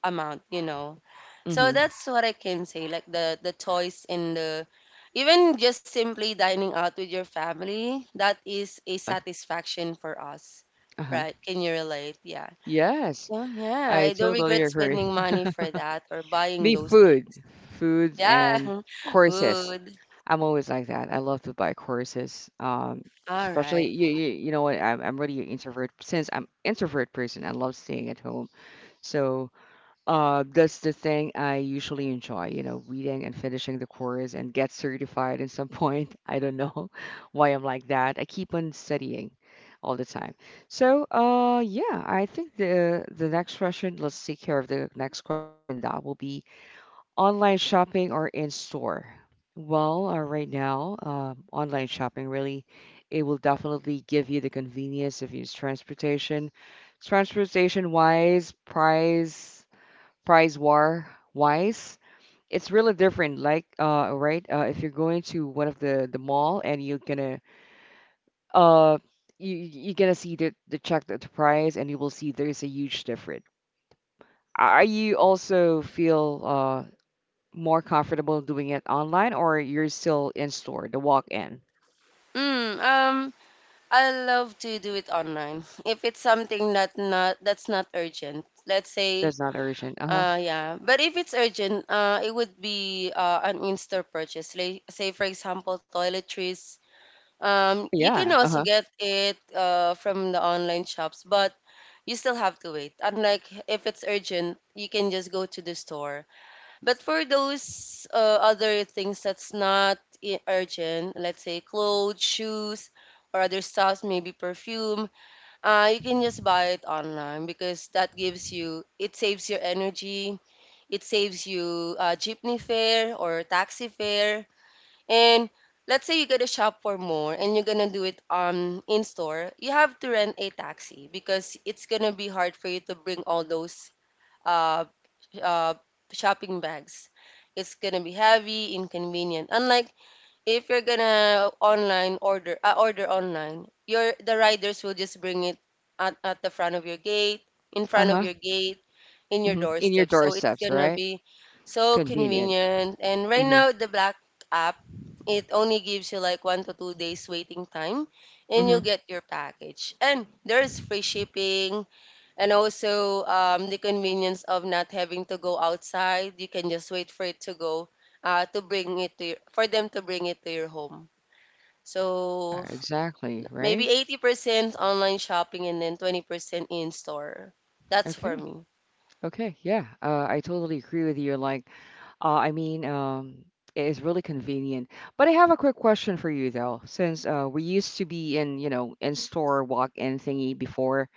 B: amount, you know. So
A: Mm-hmm.
B: that's what I can say, like the the toys and the even just simply dining out with your family, that is a satisfaction for us,
A: Uh-huh.
B: right? Can you relate? Yeah.
A: Yes,
B: So yeah,
A: I
B: I don't
A: totally
B: regret
A: agree.
B: spending money for that or buying
A: Me,
B: those
A: food,
B: things.
A: food
B: Yeah.
A: and courses.
B: Food.
A: I'm always like that. I love to buy courses, um,
B: All right.
A: especially you, you, you know what? I'm, I'm really an introvert since I'm introvert person. I love staying at home, so uh, that's the thing I usually enjoy. You know, reading and finishing the course and get certified at some point. I don't know why I'm like that. I keep on studying all the time. So uh, yeah, I think the the next question. Let's take care of the next question, and that will be online shopping or in store? Well, uh, right now, uh, online shopping really, it will definitely give you the convenience of use transportation. Transportation wise, price, price war wise, it's really different. Like, uh, right, uh, if you're going to one of the the mall and you're gonna, uh, you you- you're gonna see the the check the, the price and you will see there's a huge difference. Are you also feel uh more comfortable doing it online or you're still in store, the walk in?
B: Mm, um I love to do it online. If it's something that not that's not urgent, let's say,
A: That's not urgent. Uh huh.
B: uh, yeah. But if it's urgent, uh, it would be uh, an in-store purchase. Like, say, for example, toiletries. Um, you can
A: Yeah. Uh
B: also
A: huh.
B: get it uh, from the online shops, but you still have to wait. Unlike if it's urgent, you can just go to the store. But for those uh, other things that's not i- urgent, let's say clothes, shoes, or other stuffs, maybe perfume, uh, you can just buy it online because that gives you, it saves your energy, it saves you uh, jeepney fare or taxi fare. And let's say you gotta shop for more and you're gonna do it um, in store, you have to rent a taxi because it's gonna be hard for you to bring all those uh, uh, shopping bags. It's gonna be heavy, inconvenient. Unlike if you're gonna online order uh, order online, your the riders will just bring it at, at the front of your gate, in
A: Uh
B: front of
A: huh.
B: your gate, in your
A: hmm In your
B: doorstep, so it's
A: doorsteps,
B: gonna
A: right?
B: be so
A: Convenient.
B: convenient. And right
A: Mm-hmm.
B: now, the black app, it only gives you like one to two days waiting time, and you'll
A: Mm-hmm.
B: get your package, and there's free shipping and also, um, the convenience of not having to go outside. You can just wait for it to go uh, to bring it to your, for them to bring it to your home.
A: Yeah,
B: So
A: exactly.
B: maybe
A: Right.
B: eighty percent online shopping and then twenty percent in store. That's for
A: Okay.
B: me.
A: Okay. Yeah. Uh, I totally agree with you. Like, uh, I mean, um, it's really convenient. But I have a quick question for you though, since uh, we used to be in, you know, in store walk-in thingy before.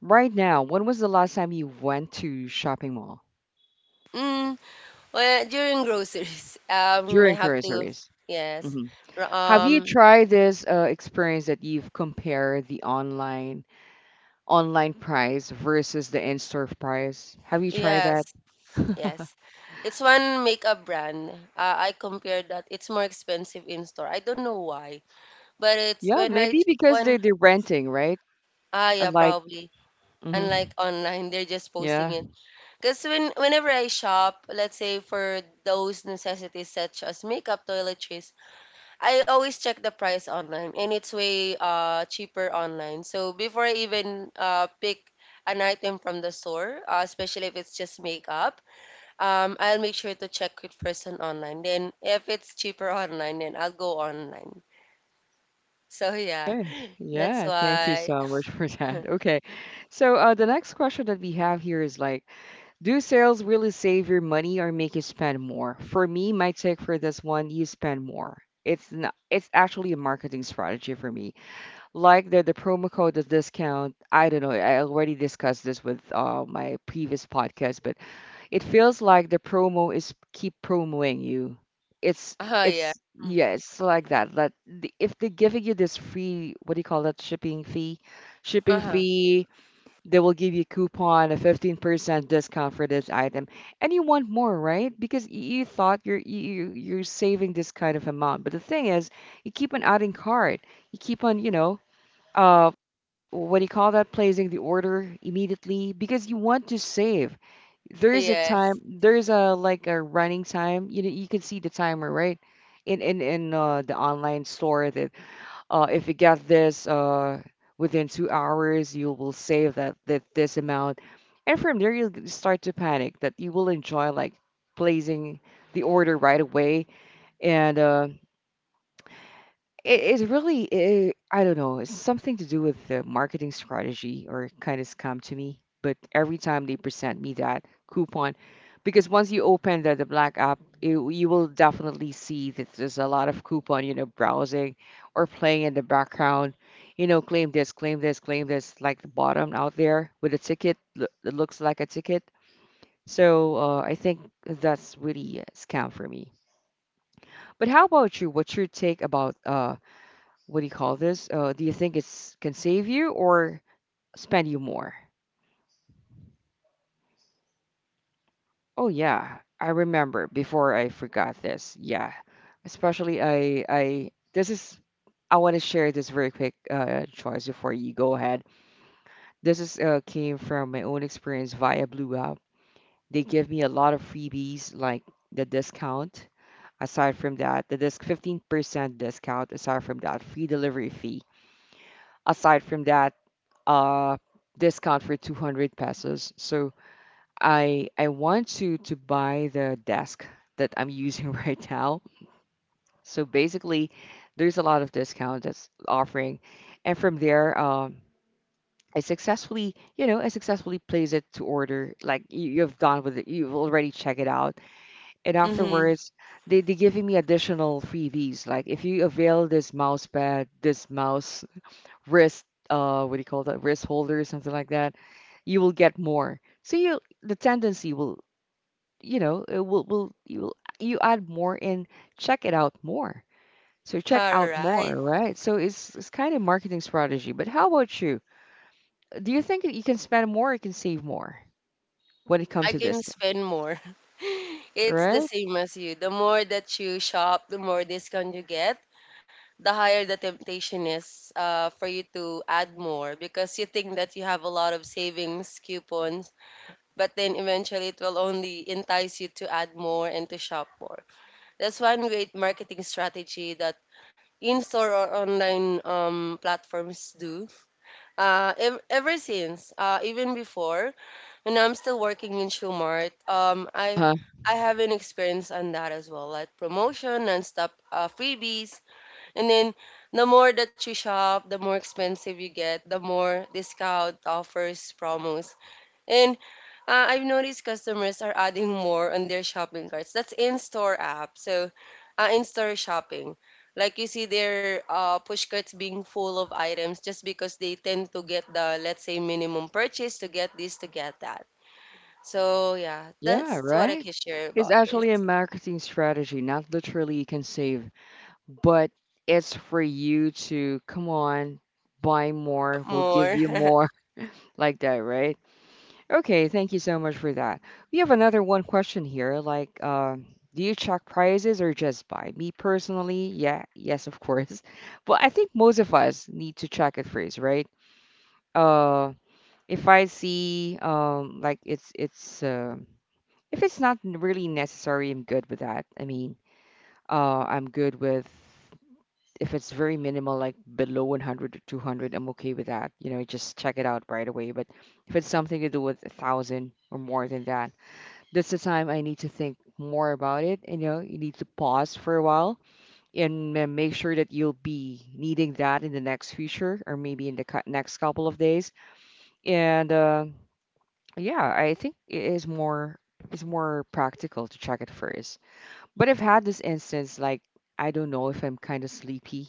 A: Right now, when was the last time you went to shopping mall
B: Mm, well, during groceries, um, I
A: during
B: have to,
A: Cursories?
B: yes,
A: Mhm.
B: r-
A: Have you
B: um,
A: tried this uh, experience that you've compared the online online price versus the in-store price? Have you tried that?
B: yes, yes. It's one makeup brand. Uh, I compared that. It's more expensive in store. I don't know why, but it's
A: Yeah,
B: when I
A: maybe
B: ch-
A: because they
B: when
A: they're renting, right?
B: Ah, yeah,
A: And like,
B: probably.
A: mhm.
B: Unlike online, they're just posting
A: Yeah.
B: it. Because when whenever I shop, let's say for those necessities such as makeup, toiletries, I always check the price online, and it's way uh cheaper online. So before I even uh pick an item from the store, uh, especially if it's just makeup, um, I'll make sure to check it first on online. Then if it's cheaper online, then I'll go online. So yeah,
A: Okay.
B: that's
A: Yeah, thank you
B: why.
A: so much for that. Okay. So, uh, the next question that we have here is like, do sales really save your money or make you spend more? For me, my take for this one, you spend more. It's not, it's actually a marketing strategy for me. Like the the promo code, the discount, I don't know, I already discussed this with uh, my previous podcast, but it feels like the promo is keep promoting you. it's
B: Oh yeah.
A: it's yeah, it's like that. That the, if they're giving you this free what do you call that shipping fee,
B: Uh
A: shipping
B: huh.
A: fee they will give you a coupon, a fifteen percent discount for this item, and you want more, right? Because y- you thought you're you, you're saving this kind of amount, but the thing is you keep on adding card, you keep on, you know, uh, what do you call that, placing the order immediately because you want to save. There is a
B: Yeah.
A: time, there is a like a running time. You know, you can see the timer, right? In in in uh, the online store that, uh, if you get this, uh, within two hours, you will save that that this amount, and from there you'll g- start to panic that you will enjoy like placing the order right away. And uh, it is really, eh, I don't know, it's something to do with the marketing strategy or kind of scam to me. But every time they present me that coupon, because once you open the, the Black app, you, you will definitely see that there's a lot of coupon, you know, browsing or playing in the background. You know, claim this, claim this, claim this, like the bottom out there with a ticket. lo- It looks like a ticket. So uh, I think that's really a scam for me. But how about you? What's your take about uh, what do you call this? Uh, do you think it's can save you or spend you more? Oh yeah, I remember before I forgot this. Yeah, especially I I this is I want to share this very quick uh, choice before you go ahead. This is uh, came from my own experience via Blue App. They give me a lot of freebies like the discount. Aside from that, the disc fifteen percent discount. Aside from that, free delivery fee. Aside from that, uh, discount for two hundred pesos. So I I want to to buy the desk that I'm using right now. So basically, there's a lot of discount that's offering, and from there, um, I successfully, you know, I successfully place it to order. Like you, you've done with it, you've already checked it out, and
B: Mm-hmm.
A: afterwards, they they giving me additional freebies. Like if you avail this mouse pad, this mouse wrist, uh, what do you call that, wrist holder, something like that, you will get more. So you, the tendency will, you know, it will will you will you add more and check it out more. So check
B: All
A: out
B: right.
A: more, right? So it's it's kind of marketing strategy. But how about you? Do you think that you can spend more or you can save more when it comes
B: I
A: to
B: can
A: discount,
B: spend more. It's the
A: right?
B: same as you. The more that you shop, the more discount you get, the higher the temptation is uh, for you to add more, because you think that you have a lot of savings coupons, but then eventually it will only entice you to add more and to shop more. That's one great marketing strategy that in-store or online um, platforms do. Uh, ev- ever since, uh, even before, when I'm still working in Shumart, um, I
A: Huh?
B: I have an experience on that as well, like promotion and stuff, uh, freebies. And then the more that you shop, the more expensive you get, the more discount offers, promos. And uh, I've noticed customers are adding more on their shopping carts. That's in-store app. So, uh, in-store shopping. Like you see their uh, push carts being full of items just because they tend to get the, let's say, minimum purchase to get this, to get that. So, yeah,
A: Yeah,
B: that's what I
A: right.
B: can share
A: It's
B: about this.
A: actually a marketing strategy, not literally you can save, but it's for you to come on, buy more, we'll give
B: More.
A: you more, like that, right? Okay, thank you so much for that. We have another one question here. Like, uh, do you check prices or just buy? Me personally, yeah, yes, of course. But I think most of us need to check it first, right? Uh, if I see, um, like it's it's uh, if it's not n- really necessary, I'm good with that. I mean, uh, I'm good with if it's very minimal, like below one hundred or two hundred, I'm okay with that. You know, just check it out right away. But if it's something to do with a thousand or more than that, that's the time I need to think more about it. And You know, you need to pause for a while and ma- make sure that you'll be needing that in the next future or maybe in the cou- next couple of days. And uh, yeah, I think it is more it's more practical to check it first. But I've had this instance like I don't know if I'm kind of sleepy.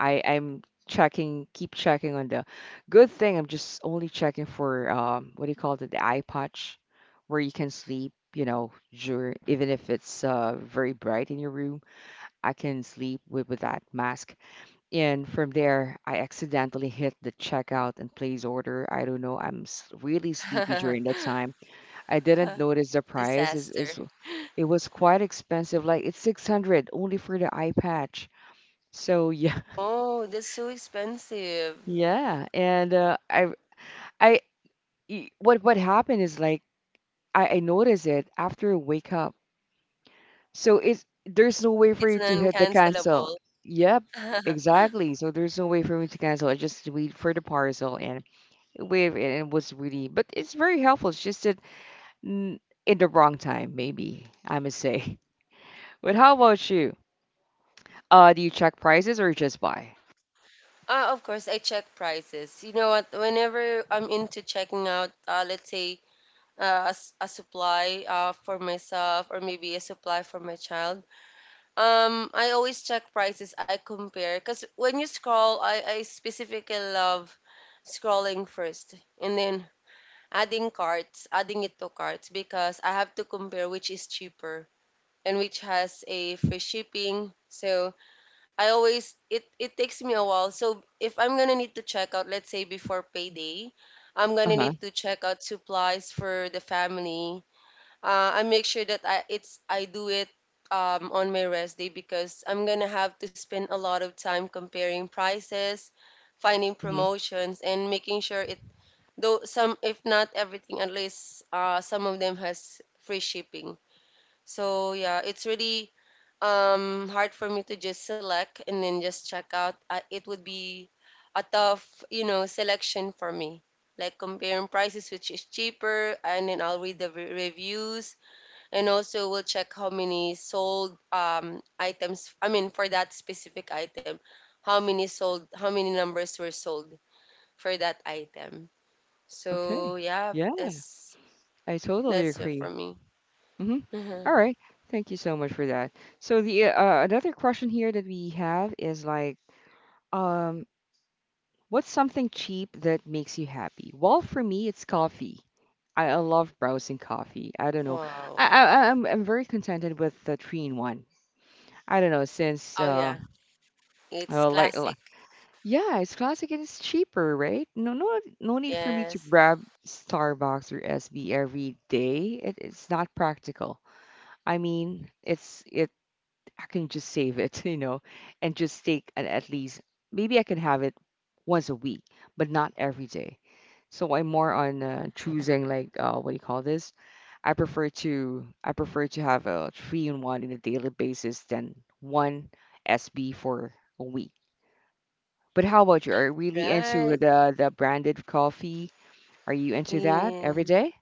A: I I'm checking, keep checking on the good thing. I'm just only checking for um, what do you call it, the eye patch, where you can sleep. You know, during, even if it's uh, very bright in your room, I can sleep with, with that mask. And from there, I accidentally hit the checkout and place order. I don't know. I'm s- really sleepy during that time. I didn't notice the price. Is
B: Disaster.
A: it's, it was quite expensive. Like it's six hundred only for the eye patch. So yeah.
B: Oh, that's so expensive.
A: Yeah, and uh, I I y- what what happened is like I, I noticed it after a wake up. So it's there's no way for
B: It's
A: you to hit the cancel.
B: non-cancelable.
A: Yep, exactly. So there's no way for me to cancel. I just wait for the parcel and wait, and it was really, but it's very helpful. It's just that mm, in the wrong time, maybe I must say. But how about you? Uh, do you check prices or just buy?
B: Uh, of course, I check prices. You know what? Whenever I'm into checking out, uh, let's say, uh, a, s- a supply uh, for myself or maybe a supply for my child, um, I always check prices. I compare because when you scroll, I, I specifically love scrolling first and then adding carts, adding it to carts because I have to compare which is cheaper and which has a free shipping. So I always it it takes me a while. So if I'm gonna need to check out, let's say before payday, I'm gonna
A: Uh-huh.
B: need to check out supplies for the family. Uh, I make sure that I it's I do it um, on my rest day because I'm gonna have to spend a lot of time comparing prices, finding
A: Hmm.
B: promotions, and making sure it though some if not everything at least uh, some of them has free shipping. So yeah, it's really um hard for me to just select and then just check out. Uh, it would be a tough, you know, selection for me. Like comparing prices, which is cheaper, and then I'll read the re- reviews, and also we'll check how many sold um items. I mean, for that specific item, how many sold, how many numbers were sold for that item. So
A: Okay.
B: yeah,
A: Yeah,
B: that's
A: I totally
B: that's it for
A: agree.
B: me.
A: Mm-hmm. All right. Thank you so much for that. So the uh, another question here that we have is like, um, what's something cheap that makes you happy? Well, for me, it's coffee. I, I love browsing coffee. I don't know.
B: Wow.
A: I, I I'm I'm very contented with the three in one. I don't know since
B: Oh
A: uh,
B: yeah, it's
A: uh like
B: classic.
A: l- yeah, it's classic and it's cheaper, right? No no no need for me to
B: Yes.
A: grab Starbucks or S B every day. It, it's not practical. I mean, it's it I can just save it, you know, and just take at, at least maybe I can have it once a week, but not every day. So I'm more on uh, choosing like uh, what do you call this? I prefer to I prefer to have a three in one in a daily basis than one S B for a week. But how about you? Are you really into
B: Right.
A: the the branded coffee? Are you into that
B: Yeah.
A: every day?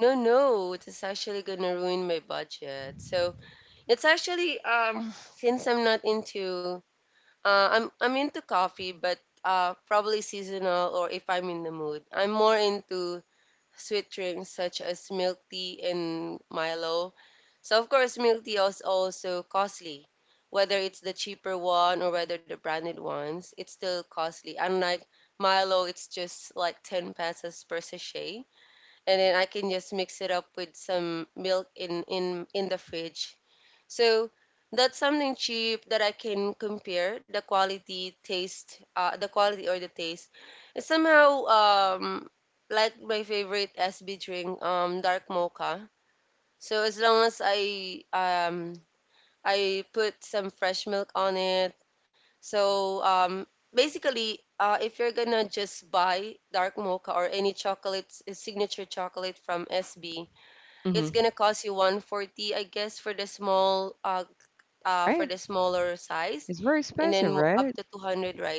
B: No, no, it's actually gonna ruin my budget. So it's actually um since I'm not into uh I'm I'm into coffee, but uh probably seasonal or if I'm in the mood. I'm more into sweet drinks such as milk tea and Milo. So of course milk tea is also costly. Whether it's the cheaper one or whether the branded ones, it's still costly. Unlike Milo, it's just like ten pesos per sachet and then I can just mix it up with some milk in in in the fridge. So that's something cheap that I can compare the quality, taste, uh, the quality or the taste. It's somehow um like my favorite S B drink, um, dark mocha. So as long as I um I put some fresh milk on it. So um basically uh, if you're gonna just buy dark mocha or any chocolates, signature chocolate from S B, it's
A: Mm-hmm.
B: gonna cost you one forty I guess for the small uh, uh for
A: Right?
B: the smaller size,
A: It's very
B: and then
A: expensive,
B: mo- up to
A: right?
B: two hundred, right,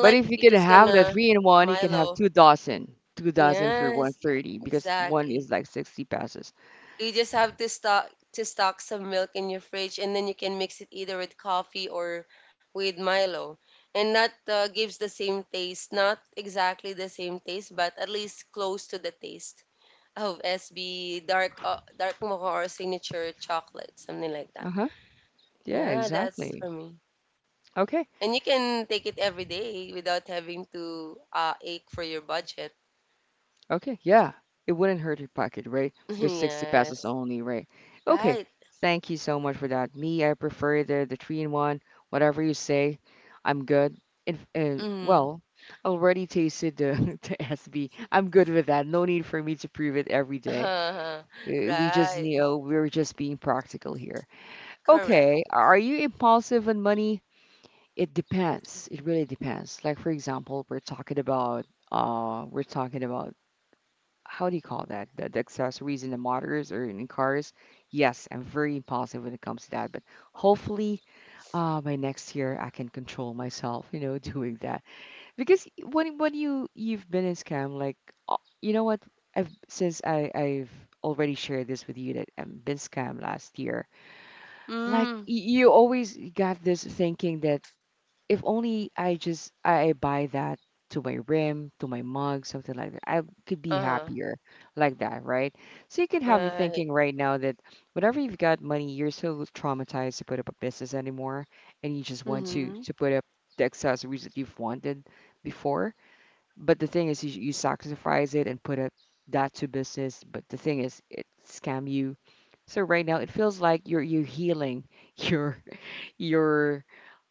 A: But if you
B: you're
A: can
B: just
A: have that
B: gonna
A: three in one, you can have
B: Milo,
A: two dozen. Two dozen for
B: yes,
A: one thirty because one
B: exactly,
A: is like sixty passes.
B: you just have to stock to stock some milk in your fridge and then you can mix it either with coffee or with Milo, and that uh, gives the same taste, not exactly the same taste but at least close to the taste. Oh, S B dark uh, dark mocha or signature chocolate, something like that.
A: Uh-huh. Yeah,
B: Yeah, that's
A: exactly.
B: for me.
A: Okay.
B: And you can take it every day without having to uh, ache for your budget.
A: Okay. Yeah. It wouldn't hurt your pocket, right? Because sixty passes
B: Yes,
A: only, right? Okay.
B: right.
A: Thank you so much for that. Me, I prefer the the three in one. Whatever you say, I'm good. And, and
B: Mm.
A: well, I already tasted the the S B. I'm good with that. No need for me to prove it every day.
B: Uh-huh.
A: Uh, We just,
B: Right.
A: you know, we're just being practical here. Okay,
B: Correct.
A: are you impulsive on money? It depends. It really depends. Like for example, we're talking about uh we're talking about how do you call that? The, the accessories in the motors or in cars. Yes, I'm very impulsive when it comes to that, but hopefully uh by next year I can control myself, you know, doing that. Because when when you you've been in scam like uh, you know what? I've since I I've already shared this with you that I've been scammed last year. Like
B: Mm.
A: y- you always got this thinking that if only I just I buy that to my rim, to my mug, something like that, I could be
B: Uh-huh.
A: happier like that, right? So you could have the thinking
B: Right.
A: right now that whenever you've got money, you're so traumatized to put up a business anymore, and you just want to
B: Mm-hmm.
A: to put up the accessories that you've wanted before. But the thing is, you, you sacrifice it and put up that to business. But the thing is, it scam you. So right now, it feels like you're you're healing your your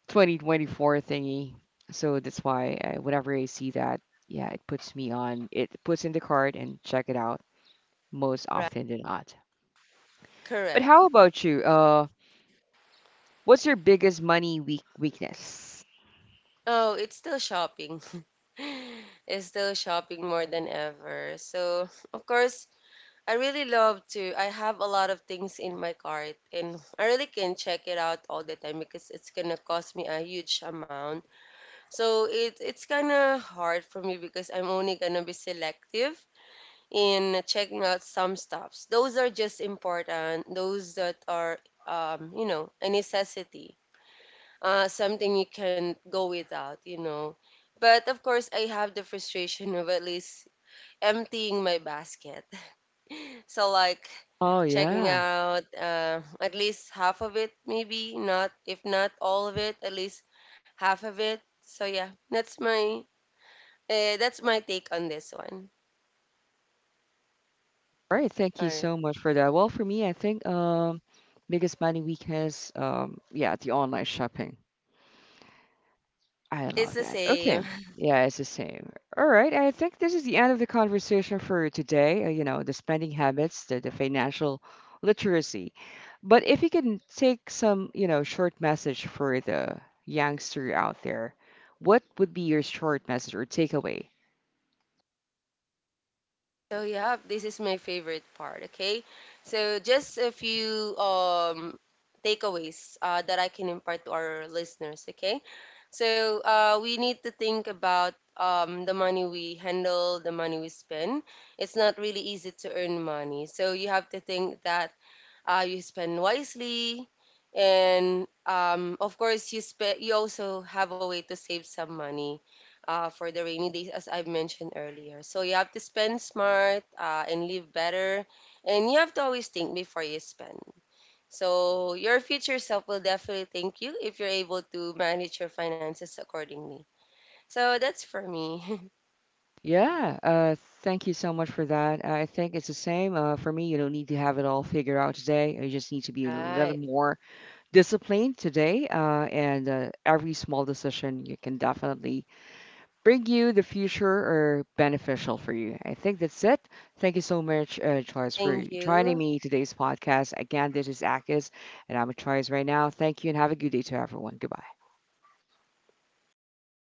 A: twenty twenty-four thingy. So that's why uh, whenever I see that, yeah, it puts me on. It puts in the card and check it out most
B: Right.
A: often than not. But
B: Correct.
A: how about you? Uh, what's your biggest money weak weakness?
B: Oh, it's still shopping. It's still shopping more than ever. So, of course, I really love to. I have a lot of things in my cart, and I really can check it out all the time because it's gonna cost me a huge amount. So it it's kind of hard for me because I'm only gonna be selective in checking out some stuffs. Those are just important. Those that are um, you know, a necessity, uh, something you can go without, you know. But of course, I have the frustration of at least emptying my basket. So like
A: Oh
B: checking
A: yeah.
B: out uh, at least half of it, maybe not if not all of it, at least half of it. So yeah, that's my uh, that's my take on this one.
A: All right, thank
B: All
A: you
B: right,
A: so much for that. Well, for me, I think um biggest money weakness, um yeah, the online shopping. I
B: it's
A: love
B: the
A: that.
B: same.
A: Okay. Yeah, it's the same. All right, I think this is the end of the conversation for today, uh, you know, the spending habits, the, the financial literacy. But if you can take some, you know, short message for the youngster out there, what would be your short message or takeaway?
B: So yeah, this is my favorite part. Okay, so just a few um takeaways uh, that I can impart to our listeners. Okay, so uh, we need to think about um the money we handle, the money we spend. It's not really easy to earn money, so you have to think that uh, you spend wisely, and um, of course you spe- you also have a way to save some money uh, for the rainy days, as I've mentioned earlier. So you have to spend smart uh, and live better, and you have to always think before you spend. So your future self will definitely thank you if you're able to manage your finances accordingly. So that's for me.
A: Yeah, uh, thank you so much for that. I think it's the same uh, for me. You don't need to have it all figured out today. You just need to be a little
B: Right.
A: more disciplined today. Uh, and uh, every small decision you can definitely bring you the future or beneficial for you. I think that's it. Thank you so much, uh, Choice, for
B: Thank
A: joining
B: you.
A: me today's podcast. Again, this is Akis, and I'm a Choice right now. Thank you, and have a good day to everyone. Goodbye.